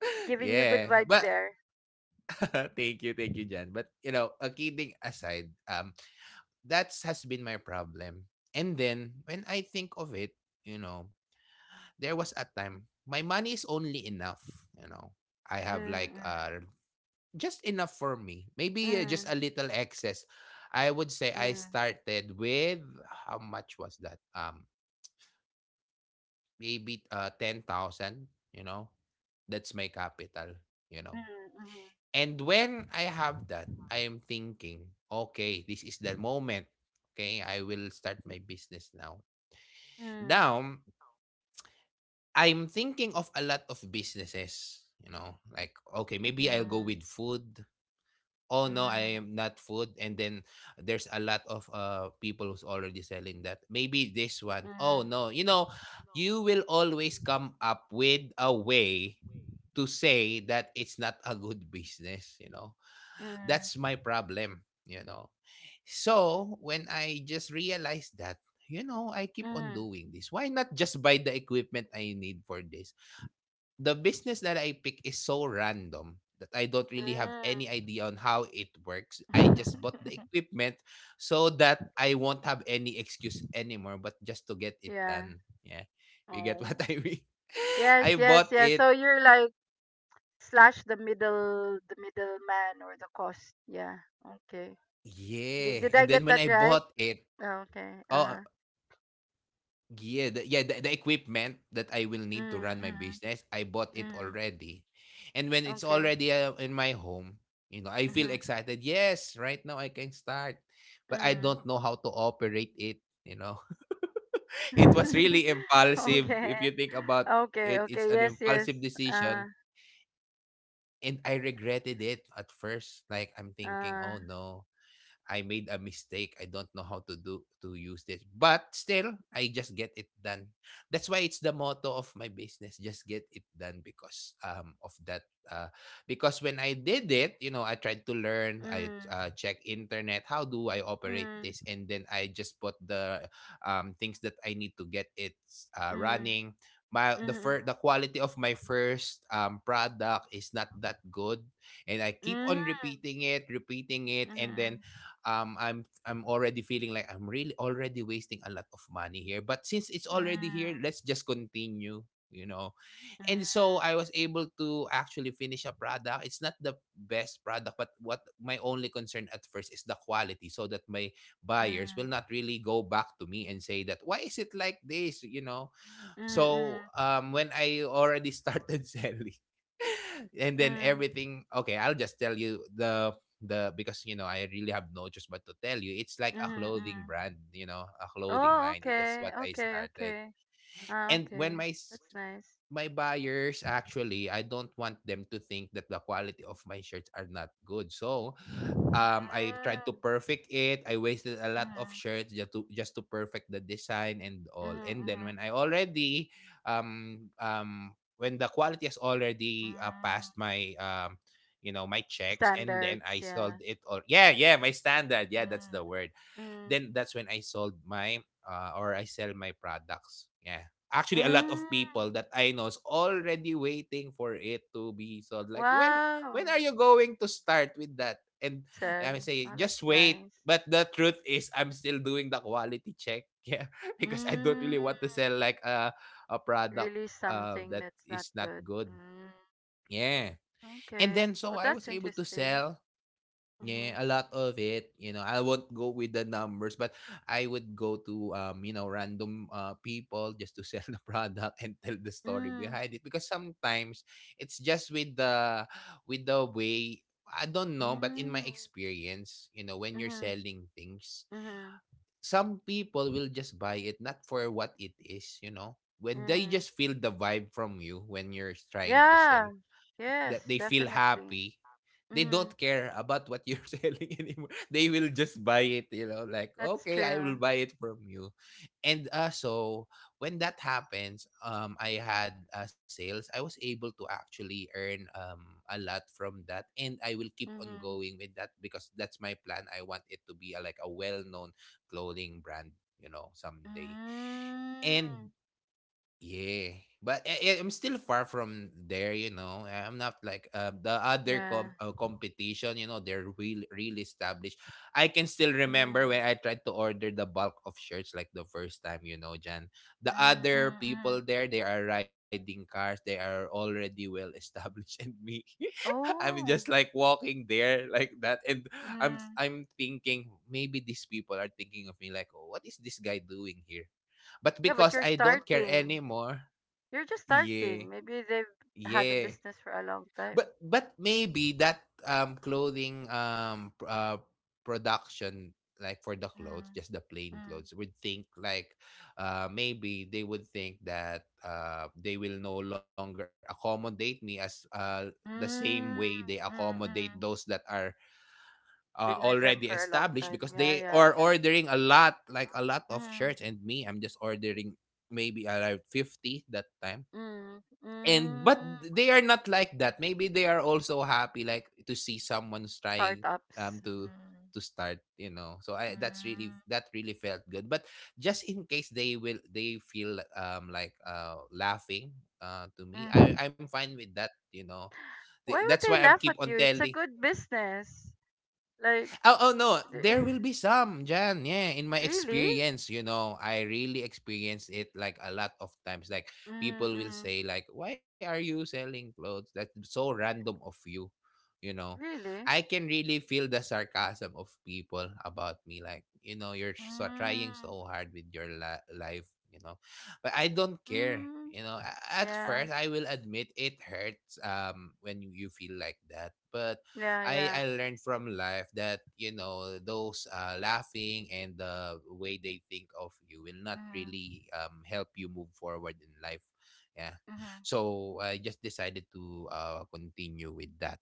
Giving you good
Yeah,
vibes
but
there.
thank you, Jan. But you know, kidding aside, that's has been my problem. And then when I think of it, you know, there was a time my money is only enough, you know. I have like
Mm,
just enough for me. Maybe just
mm,
a little excess. I would say I
mm,
started with how much was that? Maybe 10,000, you know. That's my capital, you
mm,
know. And when I have that, I am thinking, okay, this is the moment. Okay, I will start my business now.
mm,
Now, I'm thinking of a lot of businesses, like, okay,
mm,
maybe I'll go
mm,
with food. Oh no, I
mm,
am not food. And then there's a lot of people who's already selling that. Maybe this one. Oh
mm,
no, you will always come up with a way to say that it's not a good business.
mm,
That's
mm,
my problem. So, when I just realized that, I keep on
mm,
doing this. Why not just buy the equipment I need for this? The business that I pick is so random that I don't really have any
mm.
idea on how it works. I just bought the equipment so that I won't have any excuse anymore, but just to get it
Yeah.
done. Yeah. You get what
Oh.
I mean?
Yes,
I
yes,
bought
yes. So
it.
you're like slash the middle, the middleman or the cost. Yeah. Okay.
Yeah.
Did I
And then
get
when
that
I
right?
bought it,
Oh, okay.
oh,
Uh-huh.
yeah, the equipment that I will need to
Mm,
run my
mm,
business, I bought it
mm.
already. And when it's
Okay.
already in my home, I feel
Mm-hmm.
excited. Yes, right now I can start. But I
Mm.
don't know how to operate it, you know. It was really impulsive
Okay.
if you think about it.
Okay,
It's an
okay. Yes,
impulsive
yes.
decision,
Uh,
and I regretted it at first. Like I'm thinking, "Oh
uh.
no, I made a mistake. I don't know how to do to use this." But still, I just get it done. That's why it's the motto of my business, just get it done because of that, because when I did it, I tried to learn, I
Mm.
check internet, how do I operate
Mm.
this, and then I just put the things that I need to get it
Mm.
running. My the
Mm.
fir- the quality of my first product is not that good, and I keep
Mm.
on repeating it, and then
Mm.
I'm already feeling like I'm really already wasting a lot of money here, but since it's already here,
Mm.
let's just continue. And so I was able to actually finish a product. It's not the best product, but what my only concern at first is the quality, so that my buyers
Mm.
will not really go back to me and say that, why is it like this?
Mm. Mm.
So when I already started selling, and then
Mm.
everything okay, I'll just tell you the, because I really have no choice but to tell you, it's like
Mm.
a clothing
Mm.
brand, a clothing
Oh,
line. That's
okay.
what I
Okay,
started.
okay. Ah,
And
okay. That's nice.
my buyers actually, I don't want them to think that the quality of my shirts are not good. So,
Mm.
I tried to perfect it. I wasted a lot of
Mm.
shirts just to perfect the design and all.
Mm.
And then when
Mm.
I already, um, um, when the quality has already
Mm.
passed my my checks, and then I
Standards,
sold
yeah.
it all. Yeah, yeah, my standard. Yeah, that's the
Mm.
word.
Mm.
Then that's when I sold my or I sell my products. Yeah. Actually, a lot of
Mm.
people that I know is already waiting for it to be sold. Like, when
Wow.
when are you going to start with that? And I
10.
say,
Oh,
just
that's
wait.
nice.
But the truth is, I'm still doing the quality check. Yeah, because I don't
Mm,
really want to sell like a product
really
that
something that's
is
not
not
good.
good.
Mm,
Yeah. And then
okay.
so
Oh,
I was
that's
able to
interesting.
sell.
Mm-hmm.
Yeah, a lot of it. You know, I won't go with the numbers, but I would go to random people just to sell the product and tell the story
Mm,
behind it, because sometimes it's just with the way, I don't know, but in
mm,
my experience, when you're
mm-hmm,
selling things,
mm-hmm,
some people will just buy it not for what it is. When they
mm.
just feel the vibe from you when you're trying to sell.
Yeah. Yes,
That they feel
definitely.
happy, they don't
Mm-hmm.
care about what you're selling anymore. They will just buy it, like,
That's
okay, I will
true.
buy it from you. And so when that happens, I had sales. I was able to actually earn a lot from that. And I will keep on
Mm-hmm.
going with that, because that's my plan. I want it to be like a well known clothing brand, someday.
Mm,
And yeah, but I'm still far from there. I'm not like the other
yeah.
com- uh, competition, they're really really established. I can still remember
Mm,
when I tried to order the bulk of shirts like the first time, Jan. The
mm,
other
mm, mm.
people there, they are riding cars, they are already well established, and me, I'm just
Oh.
like walking there like that, and I'm
Mm.
I'm thinking, maybe these people are thinking of me like, "Oh, what is this guy doing here?" But
Yeah, but
because
you're
I don't care
starting.
anymore,
You're just starting.
yeah,
Maybe they've had a
yeah.
business for a long time.
But maybe that clothing production, like for the clothes,
Mm,
just the plain
mm,
clothes, would think like, maybe they would think that they will no longer accommodate me as the same
mm,
way they
mm,
accommodate
mm.
those that are
Been with them
already
for a long
established,
time.
because
Yeah,
they
yeah,
are
yeah.
ordering a lot, like a lot of
Mm,
shirts. And me, I'm just ordering maybe around 50 that time.
mm,
And but
mm.
they are not like that. Maybe they are also happy, like to see someone's trying
Startups.
um to
Mm,
to start. So I that's really
mm,
that really felt good. But just in case they feel like laughing to me, I
mm.
I'm fine with that. Th-
Why would
That's why
they
I
laugh
keep
at
on
you? It's a
telling.
good business. Like,
Oh, oh no,
th-
there will be some, Jan. Yeah, in my
really?
experience, I really experienced it like a lot of times. Like
Mm,
people will
mm.
say, like, "Why are you selling clothes? That's so random of you," you know.
Really?
I can really feel the sarcasm of people about me, like, you're so trying
Mm,
so hard with your life, but I don't care.
mm.
You know, at
Yeah,
first I will admit it hurts when you feel like that, but
yeah,
I
yeah.
I learned from life that those laughing and the way they think of you will not
Mm,
really help you move forward in life. Yeah.
mm,
So I just decided to continue with that.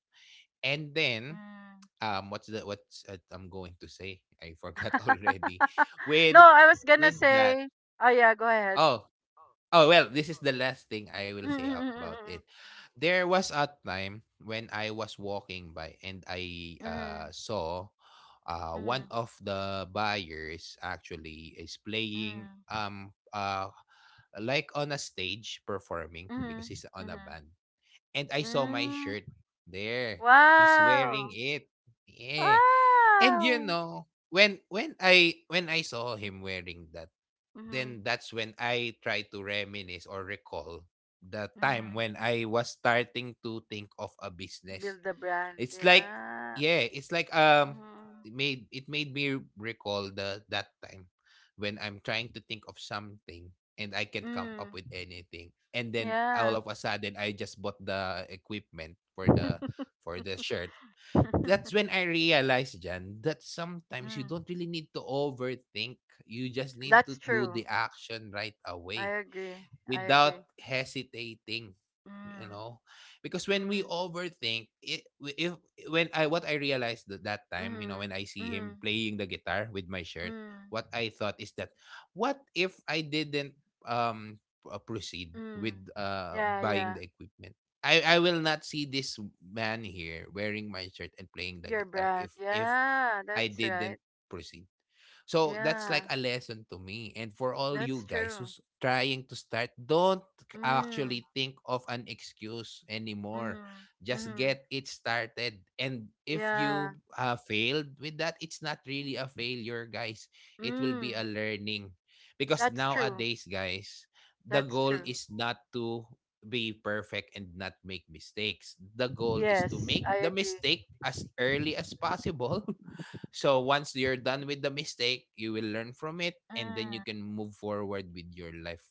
And then
mm.
what's I'm going to say? I forgot already.
No,
With
I was gonna
with that.
say oh yeah, go ahead.
Oh, oh well, this is the last thing I will say about
Mm,
it. There was a time when I was walking by, and I
hmm mm, mm,
uh, saw one
mm,
of the buyers actually is playing
hmm
like on a stage performing, because
mm,
he's on
hmm.
a band. And I saw my shirt there. He's wearing
Wow.
it. Yeah. And you
Wow.
know, when I saw him wearing that,
Mm,
then that's when I try to reminisce or recall the time
mm.
when I was starting to think of a business.
Build the brand.
It's like,
Yeah.
yeah, it's like
Mm,
it made me recall the that time when I'm trying to think of something, and I can't come up with
mm.
anything. And then all
Yeah.
of a sudden I just bought the equipment for the shirt. That's when I realized, Jan, that sometimes you
mm.
don't really need to overthink. You just need to
That's
do
true.
the action right
I
away,
agree. I agree.
without hesitating, you know
Mm,
because when we
mm,
overthink it w- if when I what I realized, that, that time, when I
mm,
see him
mm,
playing the guitar with my shirt,
mm,
what I thought is that, what if I didn't um proceed with
mm. Yeah,
buying
yeah.
the equipment. I will not see this man here wearing my shirt and playing the
Your
guitar, if
brand.
if
Yeah,
I
that's
didn't
right.
proceed. So that's like
Yeah,
a lesson to me, and for all you
that's
guys
true.
who's trying to start, don't
Mm.
actually think of an excuse anymore.
Mhm.
Just
Mhm.
get it started. And if
Yeah.
you failed with that, it's not really a failure, guys. It will
Mm.
be a learning. Because
That's true.
nowadays, guys, the
That's
goal
true.
is not to be perfect and not make mistakes. The goal is to
Yes,
make
I
the
agree.
mistake as early as possible. So once you're done with the mistake, you will learn from it, and then you
Mm.
can move forward with your life.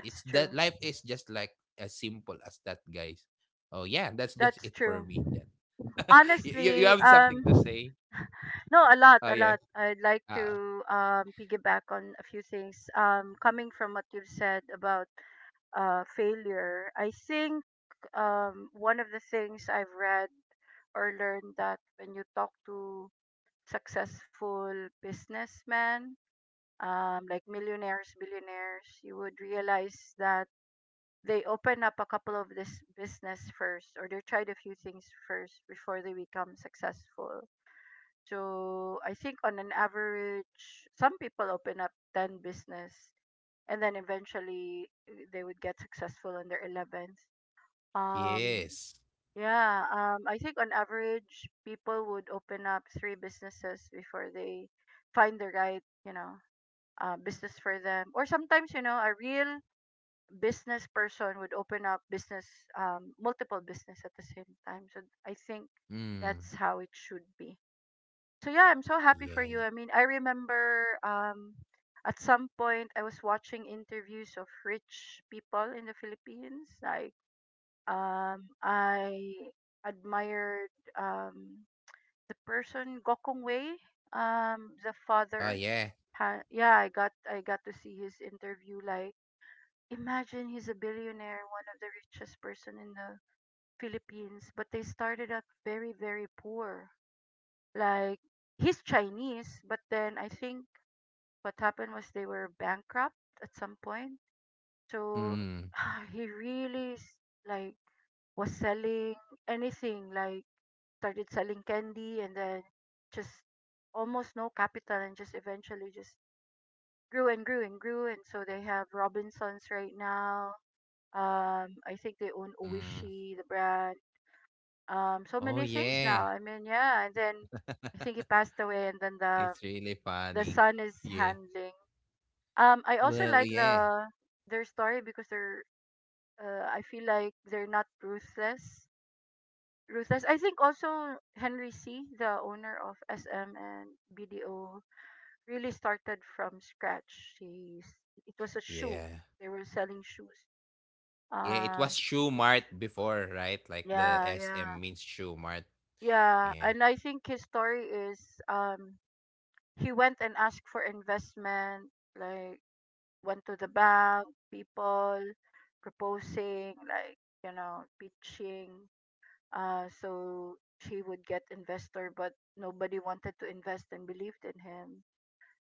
It's that
true.
life is just like, as simple as that, guys. Oh yeah, that's just
That's
it for
true.
me, Jan. You
Honestly,
have something to say?
no, a lot,
Oh
a
yeah.
lot. I'd like
Ah
to piggyback on a few things. Coming from what you've said about failure, I think one of the things I've read or learned that when you talk to successful businessmen, like millionaires, billionaires, you would realize that they open up a couple of this business first, or they tried a few things first before they become successful. So I think on an average, some people open up 10 business, and then eventually they would get successful on their 11th. Um,
yes.
yeah, I think on average, people would open up three businesses before they find the right, business for them. Or sometimes, a real business person would open up business, multiple business at the same time. So I think
Mm.
that's how it should be. So yeah, I'm so happy for you.
Yeah.
I mean, I remember, at some point I was watching interviews of rich people in the Philippines. I admired um, the person Gokong Wei, the
Oh
father.
yeah.
Yeah, I got to see his interview. Like, imagine he's a billionaire, one of the richest person in the Philippines, but they started up very very poor. Like, he's Chinese, but then I think what happened was they were bankrupt at some point. So
Mm.
he really like was selling anything like started selling candy, and then just almost no capital and just eventually just grew and grew and grew. And so they have Robinsons right now. I think they own
Mm.
Oishi, the brand. So
Oh
many things
yeah.
now. I mean, yeah, and then I think he passed away, and then
It's really
the
funny.
son is
Yeah.
handling. I also
Well,
like
yeah.
the their story because they're I feel like they're not ruthless. I think also Henry C, the owner of SM and BDO, really started from scratch. He, it was a shoe.
Yeah.
They were selling shoes.
Yeah, it
Uh,
was Shoe
which,
Mart before, right? Like the
yeah, yeah,
SM means Shoe Mart.
yeah.
Yeah,
And I think his story is um, he went and asked for investment, like went to the bank, people proposing, like pitching. So she would get investor, but nobody wanted to invest and believed in him.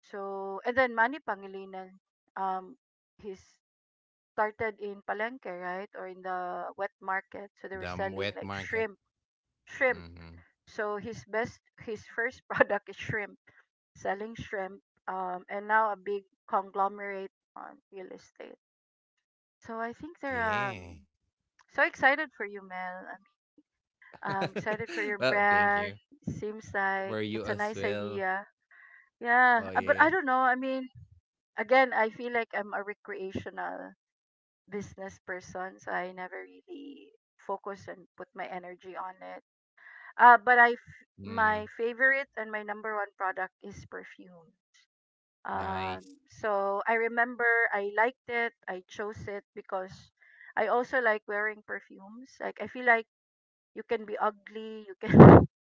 So, and then Manny Pangilinan, um, he started in Palenque, right? Or in the wet market. So they
in
were
the
selling
wet
like
market.
shrimp.
Mm-hmm.
So his first product is shrimp, selling shrimp. And now a big conglomerate on real estate. So I think they're
Yeah.
so excited for you, Mel. I'm excited for your
Well, thank you.
brand. Seems
For
like
you
it's a
as
nice
well.
idea. Yeah,
Oh,
but
yeah.
I don't know. I mean, again, I feel like I'm a recreational business person, so I never really focus and put my energy on it. But my
Mm,
favorite and my number one product is perfume. Um,
nice.
so I remember I liked it. I chose it because I also like wearing perfumes. Like I feel like you can be ugly, you can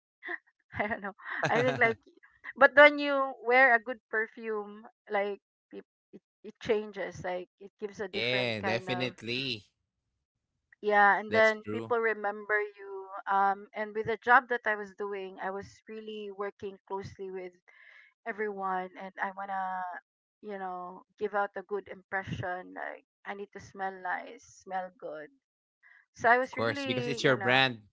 I don't know. I think, like, but when you wear a good perfume, like it, it changes. Like it gives a different
Yeah,
kind of
definitely.
yeah. And
That's
then
true.
people remember you. And with the job that I was doing, I was really working closely with everyone, and I wanna, give out a good impression. Like I need to smell nice, smell good. So I
Of
was
course, because
really,
it's your brand.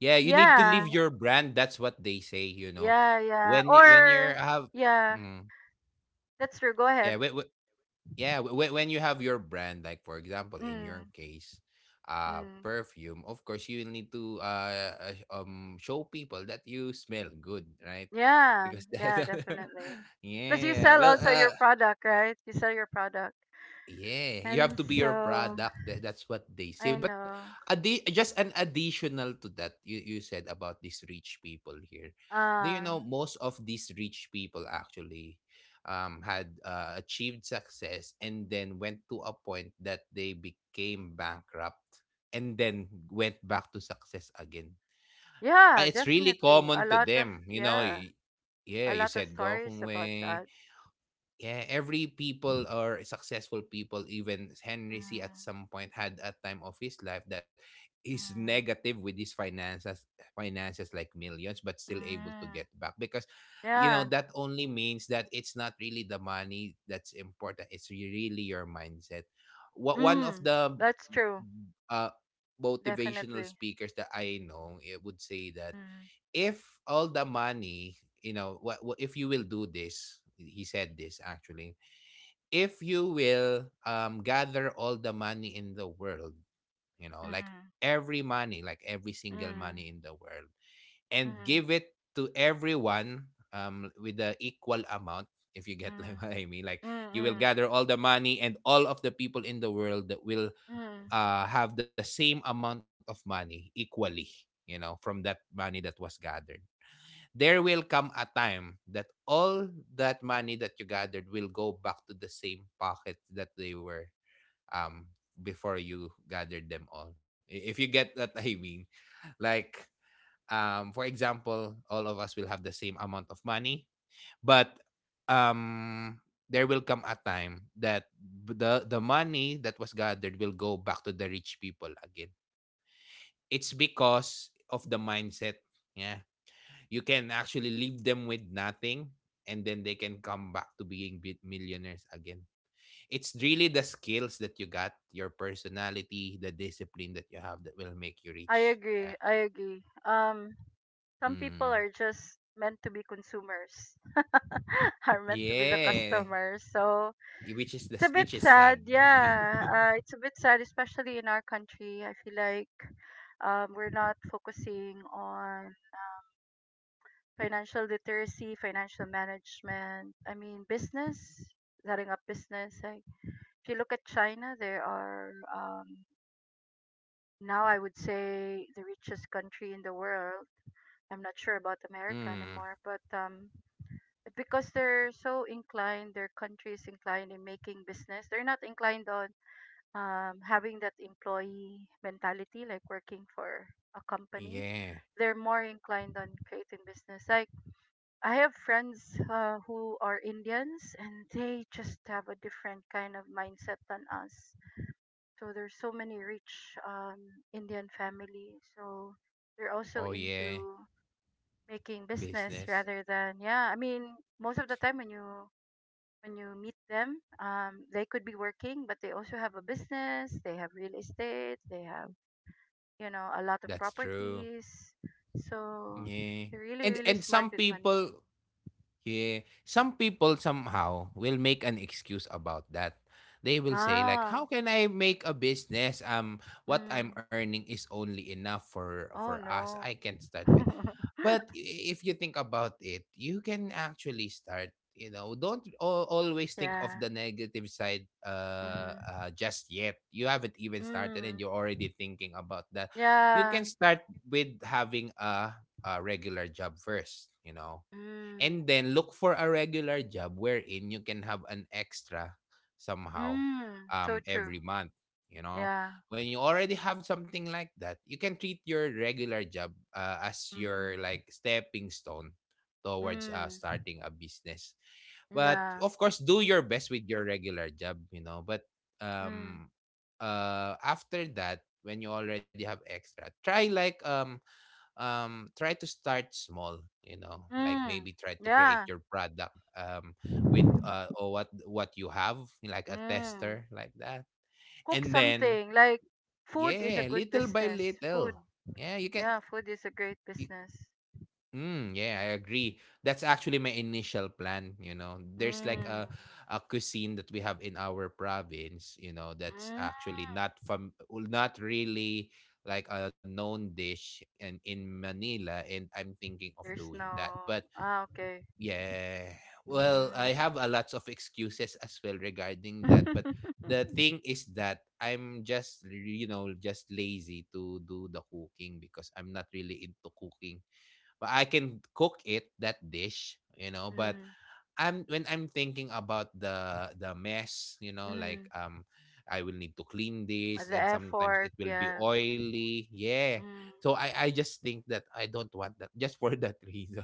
Yeah, you need to
yeah,
live your brand. That's what they say, you know.
yeah, yeah.
When y- when you're
Or
have
yeah,
mm,
that's true. Go ahead.
yeah, when, When you have your brand, like for example, in your
Mm,
case,
mm.
perfume. Of course, you will need to show people that you smell good, right?
Yeah,
Because that,
yeah, definitely. Because you
yeah,
sell
well,
also your
uh,
product, right? You sell your product.
Yeah, you
And
have to be your
so,
product. That's what they
I
say. But
know.
just an additional to that, you said about these rich people here. Do
Uh,
you know most of these rich people actually had achieved success and then went to a point that they became bankrupt and then went back to success again? Ah,
yeah,
it's really
definitely.
common
A
to
lot of,
them. You know,
yeah,
yeah,
a
you
lot of
said
stories about
Gokongwei.
that.
Yeah, every people or successful people, even Henry C.
Mm,
at some point had a time of his life that is
mm,
negative with his finances, finances like millions, but still able to
mm.
get back because, you know,
Yeah,
that only means that it's not really the money that's important. It's really your mindset. What One of
mm,
the
that's true.
uh motivational
Definitely.
speakers that I know, it would say that
Mm,
if all the money, what if you will do this? He said this actually. If you will gather all the money in the world, you know, like
mm,
every money, like every single money
mm,
in the world, and
mm,
give it to everyone with the equal amount. If you get like
mm,
what I mean, like
mm,
you
mm.
will gather all the money, and all of the people in the world that will
Mm.
have the same amount of money equally, you know, from that money that was gathered, there will come a time that all that money that you gathered will go back to the same pocket that they were um before you gathered them all. If you get that, I mean. Like, for example, all of us will have the same amount of money, but there will come a time that the money that was gathered will go back to the rich people again. It's because of the mindset. Yeah. You can actually leave them with nothing, and then they can come back to being bit millionaires again. It's really the skills that you got, your personality, the discipline that you have that will make you
I
rich. Yeah.
agree. I agree. Some people
Mm.
are just meant to be consumers are meant to be the
Yeah.
customers, so
Which is
it's a bit
sad.
sad, yeah. It's a bit sad, especially in our country. I feel like we're not focusing on financial literacy, financial management. I mean, business, setting up business. Like, if you look at China, they are now, I would say, the richest country in the world. I'm not sure about America
Mm.
anymore, but because they're so inclined, their country is inclined in making business. They're not inclined on having that employee mentality, like working for a company.
Yeah.
They're more inclined on creating business. Like I have friends who are Indians, and they just have a different kind of mindset than us. So there's so many rich Indian family. So they're also
Oh yeah.
into making business
Business.
rather than yeah, I mean, most of the time when you meet them, they could be working, but they also have a business, they have, real estate, they have a lot of
That's true.
properties. So
Yeah.
they're really, really
And
smart
some
with money.
people. Yeah. Some people somehow will make an excuse about that. They will say like,
Ah,
"How can I make a business? What
mm,
I'm earning is only enough
oh
for us.
no.
I can not start with." But if you think about it, you can actually start. You know, don't always think of
yeah.
the negative side.
Mm-hmm.
Just yet, you haven't even started,
Mm,
and you're already thinking about that. You
yeah.
can start with having a regular job first. You know,
Mm,
and then look for a regular job wherein you can have an extra somehow
mm, so true.
every month, you know.
Yeah.
When you already have something like that, you can treat your regular job as your
Mm-hmm.
like stepping stone towards
Mm,
starting a business, but
yeah.
of course do your best with your regular job, you know. But
Mm,
um after that, when you already have extra, try like try to start small, you know, like
mm,
maybe try to create
yeah.
your product with or what you have, like a
Mm.
tester like that.
Cook
And then,
something like food is a
yeah,
good
little by
business.
little,
Food,
yeah, you can
yeah, food is a great
you
business.
Mm, yeah, I agree. That's actually my initial plan, you know. There's like
Mm.
a cuisine that we have in our province, you know, that's
Mm.
actually not from, not really like a known dish and in Manila, and I'm thinking of
There's
doing
no,
that. But
ah, okay.
yeah, well,
Mm.
I have a lots of excuses as well regarding that, but the thing is that I'm just just lazy to do the cooking because I'm not really into cooking, but I can cook it, that dish, you know. But
mm.
I'm when I'm thinking about the mess, you know, like,
Mm.
I will need to clean this,
The
and sometimes
effort,
it will be
yeah.
oily. Yeah,
Mm.
so I just think that I don't want that just for that reason,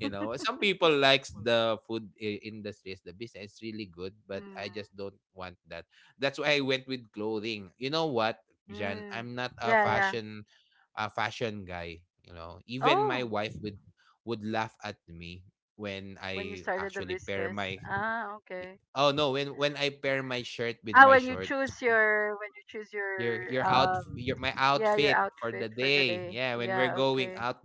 you know. Some people likes the food industry as the business, it's really good, but
mm.
I just don't want that. That's why I went with clothing. You know what, Jan?
Mm.
I'm not a
Yeah, yeah.
fashion, a fashion guy. You know, even my
Oh,
wife would laugh at me when
when you
I
started the
actually pair
business,
my —
ah, okay.
oh no, when I pair my shirt with
Ah,
my
when you
short.
choose your
Your out your my
yeah, your
outfit for
outfit
the
for the
day.
day,
Yeah, when we're
yeah.
going
Okay.
out.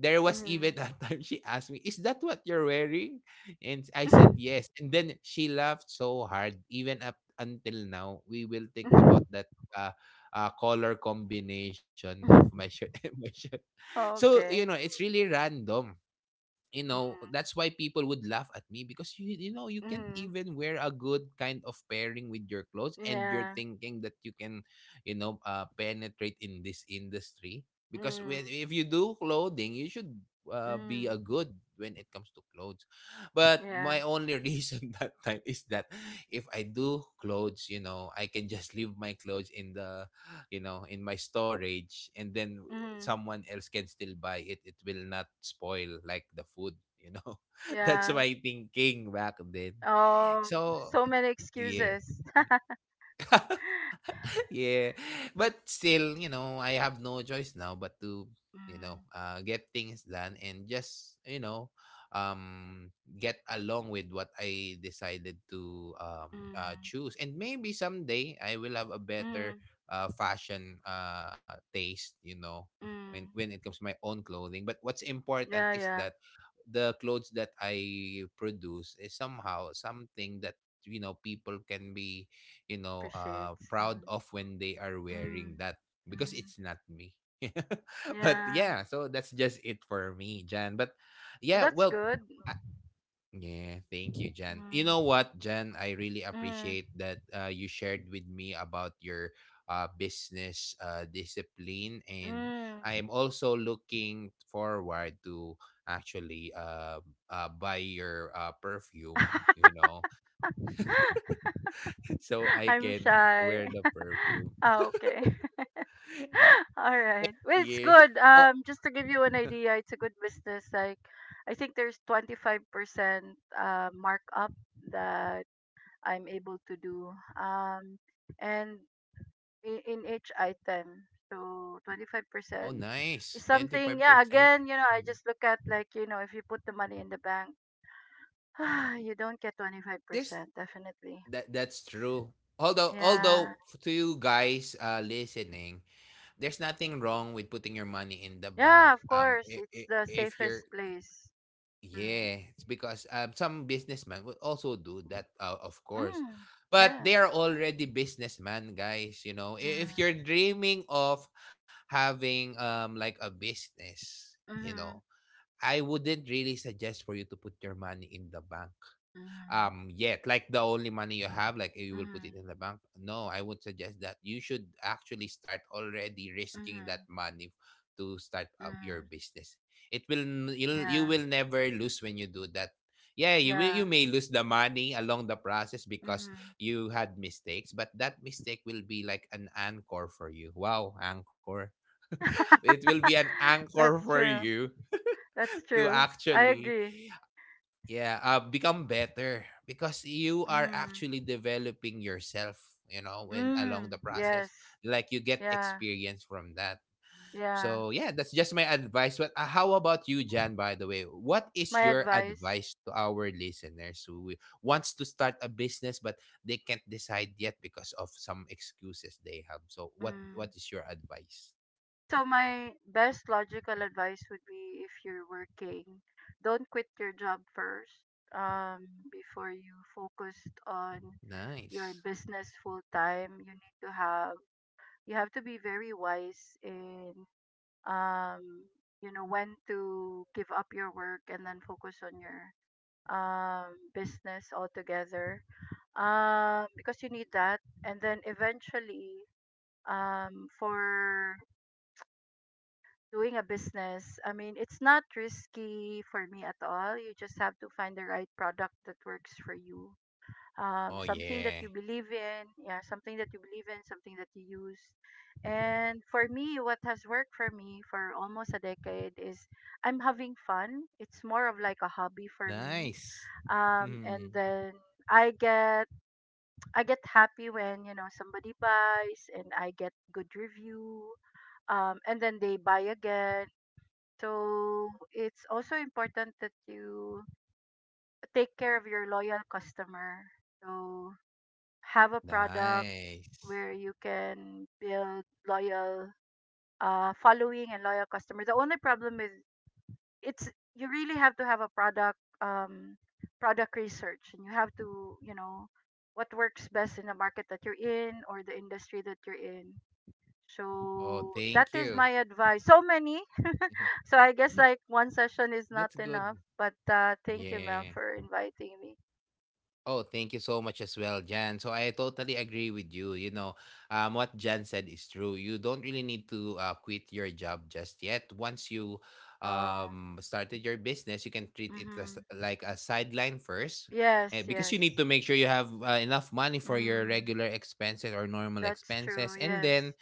There was
Mhm.
even a time she asked me, "Is that what you're wearing?" And I said yes. And then she laughed so hard. Even up until now, we will think about that, color combination of my shirt and my shirt. So, you
Okay.
know, it's really random. You know,
Mm.
that's why people would laugh at me because, you know, you can't
Mhm.
even wear a good kind of pairing with your clothes and you're
Yeah.
thinking that you can, you know, penetrate in this industry, because
Mm.
when if you do clothing, you should be
Mm.
a good, when it comes to clothes. But
Yeah.
my only reason, that time, is that if I do clothes, you know, I can just leave my clothes in the, you know, in my storage, and then
Mm.
someone else can still buy it. It will not spoil like the food, you know. That's
Yeah.
my thinking back then,
Oh,
so
so many
yeah.
excuses.
Yeah. But still, you know, I have no choice now but to, you know,
Mm.
get things done, and just, you know, um, get along with what I decided to
Mm.
choose. And maybe someday I will have a better
Mm.
fashion taste, you know, when
Mm.
it comes to my own clothing. But what's important
Yeah,
is that
yeah.
the clothes that I produce is somehow something that, people can be,
Appreciate.
proud
Mm.
of when they are wearing
Mm.
that, because
Mm.
it's not me. But
Yeah.
yeah, so that's just it for me, Jan. But yeah,
That's
well.
good.
Yeah, thank you, Jan. You know
Mm.
what, Jan? I really
Mm.
appreciate that you shared with me about your business discipline, and I
Mm.
am also looking forward to actually buy your perfume. You know, so I
I'm
can
shy.
wear the perfume.
Ah, okay. All right. Well, it's
Yeah.
good.
Oh,
Just to give you an idea, it's a good business. Like, I think there's 25% markup that I'm able to do. Um, and in each item, so
oh,
25%
nice.
is
Twenty five
something. Yeah.
percent.
Again, I
Mm-hmm.
just look at like if you put the money in the bank, you don't get
There's
25%. Definitely.
that. That's true. Although,
Yeah.
although, to you guys listening. There's nothing wrong with putting your money in the
Yeah.
bank,
Of course, it's the
if you're
safest place. Mm.
yeah, it's because, some businessmen would also do that, of course.
Mm.
But
Yeah.
they are already businessmen, guys, you know? I if you're
Mm,
dreaming of having, like, a business, you know,
mhm,
I wouldn't really suggest for you to put your money in the bank.
mhm,
Yet, like the only money you have, like you will put it
mhm,
in the bank. No, I would suggest that you should actually start already risking that
mhm,
money to start up
mhm.
your business. It will n- you'll you
Yeah,
will never lose when you do that. Yeah,
yeah,
you may lose the money along the process because
mhm.
you had mistakes, but that mistake will be like an anchor for you. Wow, anchor. It will be an anchor
That's
for
true.
you
That's
to
true. I
actually,
agree.
yeah, become better, because you are
Mm,
actually developing yourself, you know, when along the
mm, yes,
process, like you get
yeah,
experience from that.
yeah.
So yeah, that's just my advice. But how about you, Jan, by the way? What
My
is your
advice.
advice to our listeners who wants to start a business but they can't decide yet because of some excuses they have? So what
Mm.
is your advice?
So my best logical advice would be, if you're working, don't quit your job first. Before you focused on your
Nice.
business full time, you have to be very wise in um you know when to give up your work and then focus on your business altogether, because you need that. And then eventually, for doing a business, I mean, it's not risky for me at all. You just have to find the right product that works for you,
Oh
something that
yeah.
you believe in, yeah, something that you believe in, something that you use. And for me, what has worked for me for almost a decade is I'm having fun. It's more of like a hobby for me.
Nice.
And
Mm-hmm.
then I get I get happy when you know somebody buys and I get good review. And then they buy again. So it's also important that you take care of your loyal customer. So have a product
Nice.
where you can build loyal following and loyal customers. The only problem is it's you really have to have a product, product research, and you have to you know what works best in the market that you're in or the industry that you're in.
Oh,
So
thank
that is
you.
my advice. So many. So I guess
Yeah,
like one session is
that's
not
good.
enough. But thank you, Mel,
Yeah.
for inviting me.
Oh, thank you so much as well, Jan. So I totally agree with you. You know, what Jan said is true. You don't really need to quit your job just yet. Once you
No.
started your business, you can treat it as,
Mm-hmm.
like, a sideline first, eh,
Yes.
because you need
Yes.
to make sure you have enough money for your
Mm,
regular expenses or normal
that's true.
expenses, and
Yes.
then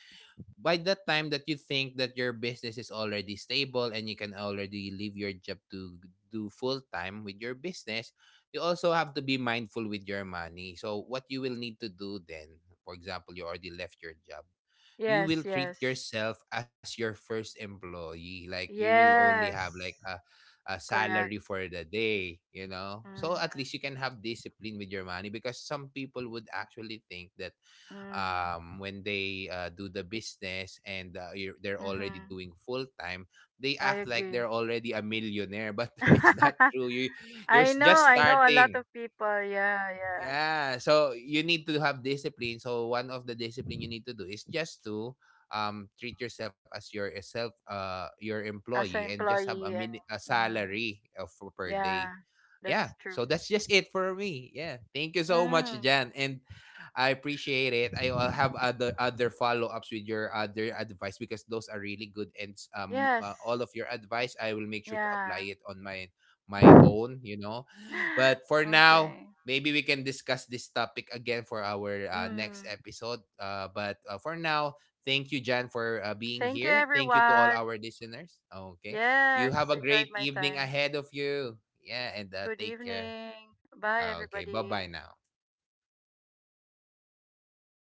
by that time that you think that your business is already stable and you can already leave your job to do full time with your business, you also have to be mindful with your money. So, what you will need to do then, for example, you already left your job, you will
Yes,
treat
yes.
yourself as your first employee. Like, you will only have like
Yes.
a
Correct.
salary for the day, you know?
Mm,
So, at least you can have discipline with your money, because some people would actually think that,
mm,
when they do the business and they're already
mm-hmm.
doing full time, they
I
act like
agree.
they're already a millionaire, but it's not true. You, just
I know a lot
starting.
of people. Yeah, yeah.
Yeah, so you need to have discipline. So one of the discipline you need to do is just to treat yourself as your self, your
As
employee,
an
and just have a
employee
min,
and
a
mm,
salary of per day.
yeah,
Yeah,
that's
so
true.
that's just it for me. Yeah, thank you so much,
Mm,
Jan, and I appreciate it. I will have other follow ups with your other advice, because those are really good, and all
yes.
of your advice I will make sure to
Yeah.
apply it on my my
okay.
own. You know, but for now, maybe we can discuss this topic again for our next
Mm.
episode. But for now, thank you, Jan, for being
Thank you
here. Thank you to all
everyone.
our listeners. Okay. You have
Yes,
a
enjoyed
great
my
evening
time.
ahead of you. Yeah. And
Good
take care.
evening. Bye
Ah, okay. Bye
everybody.
bye now.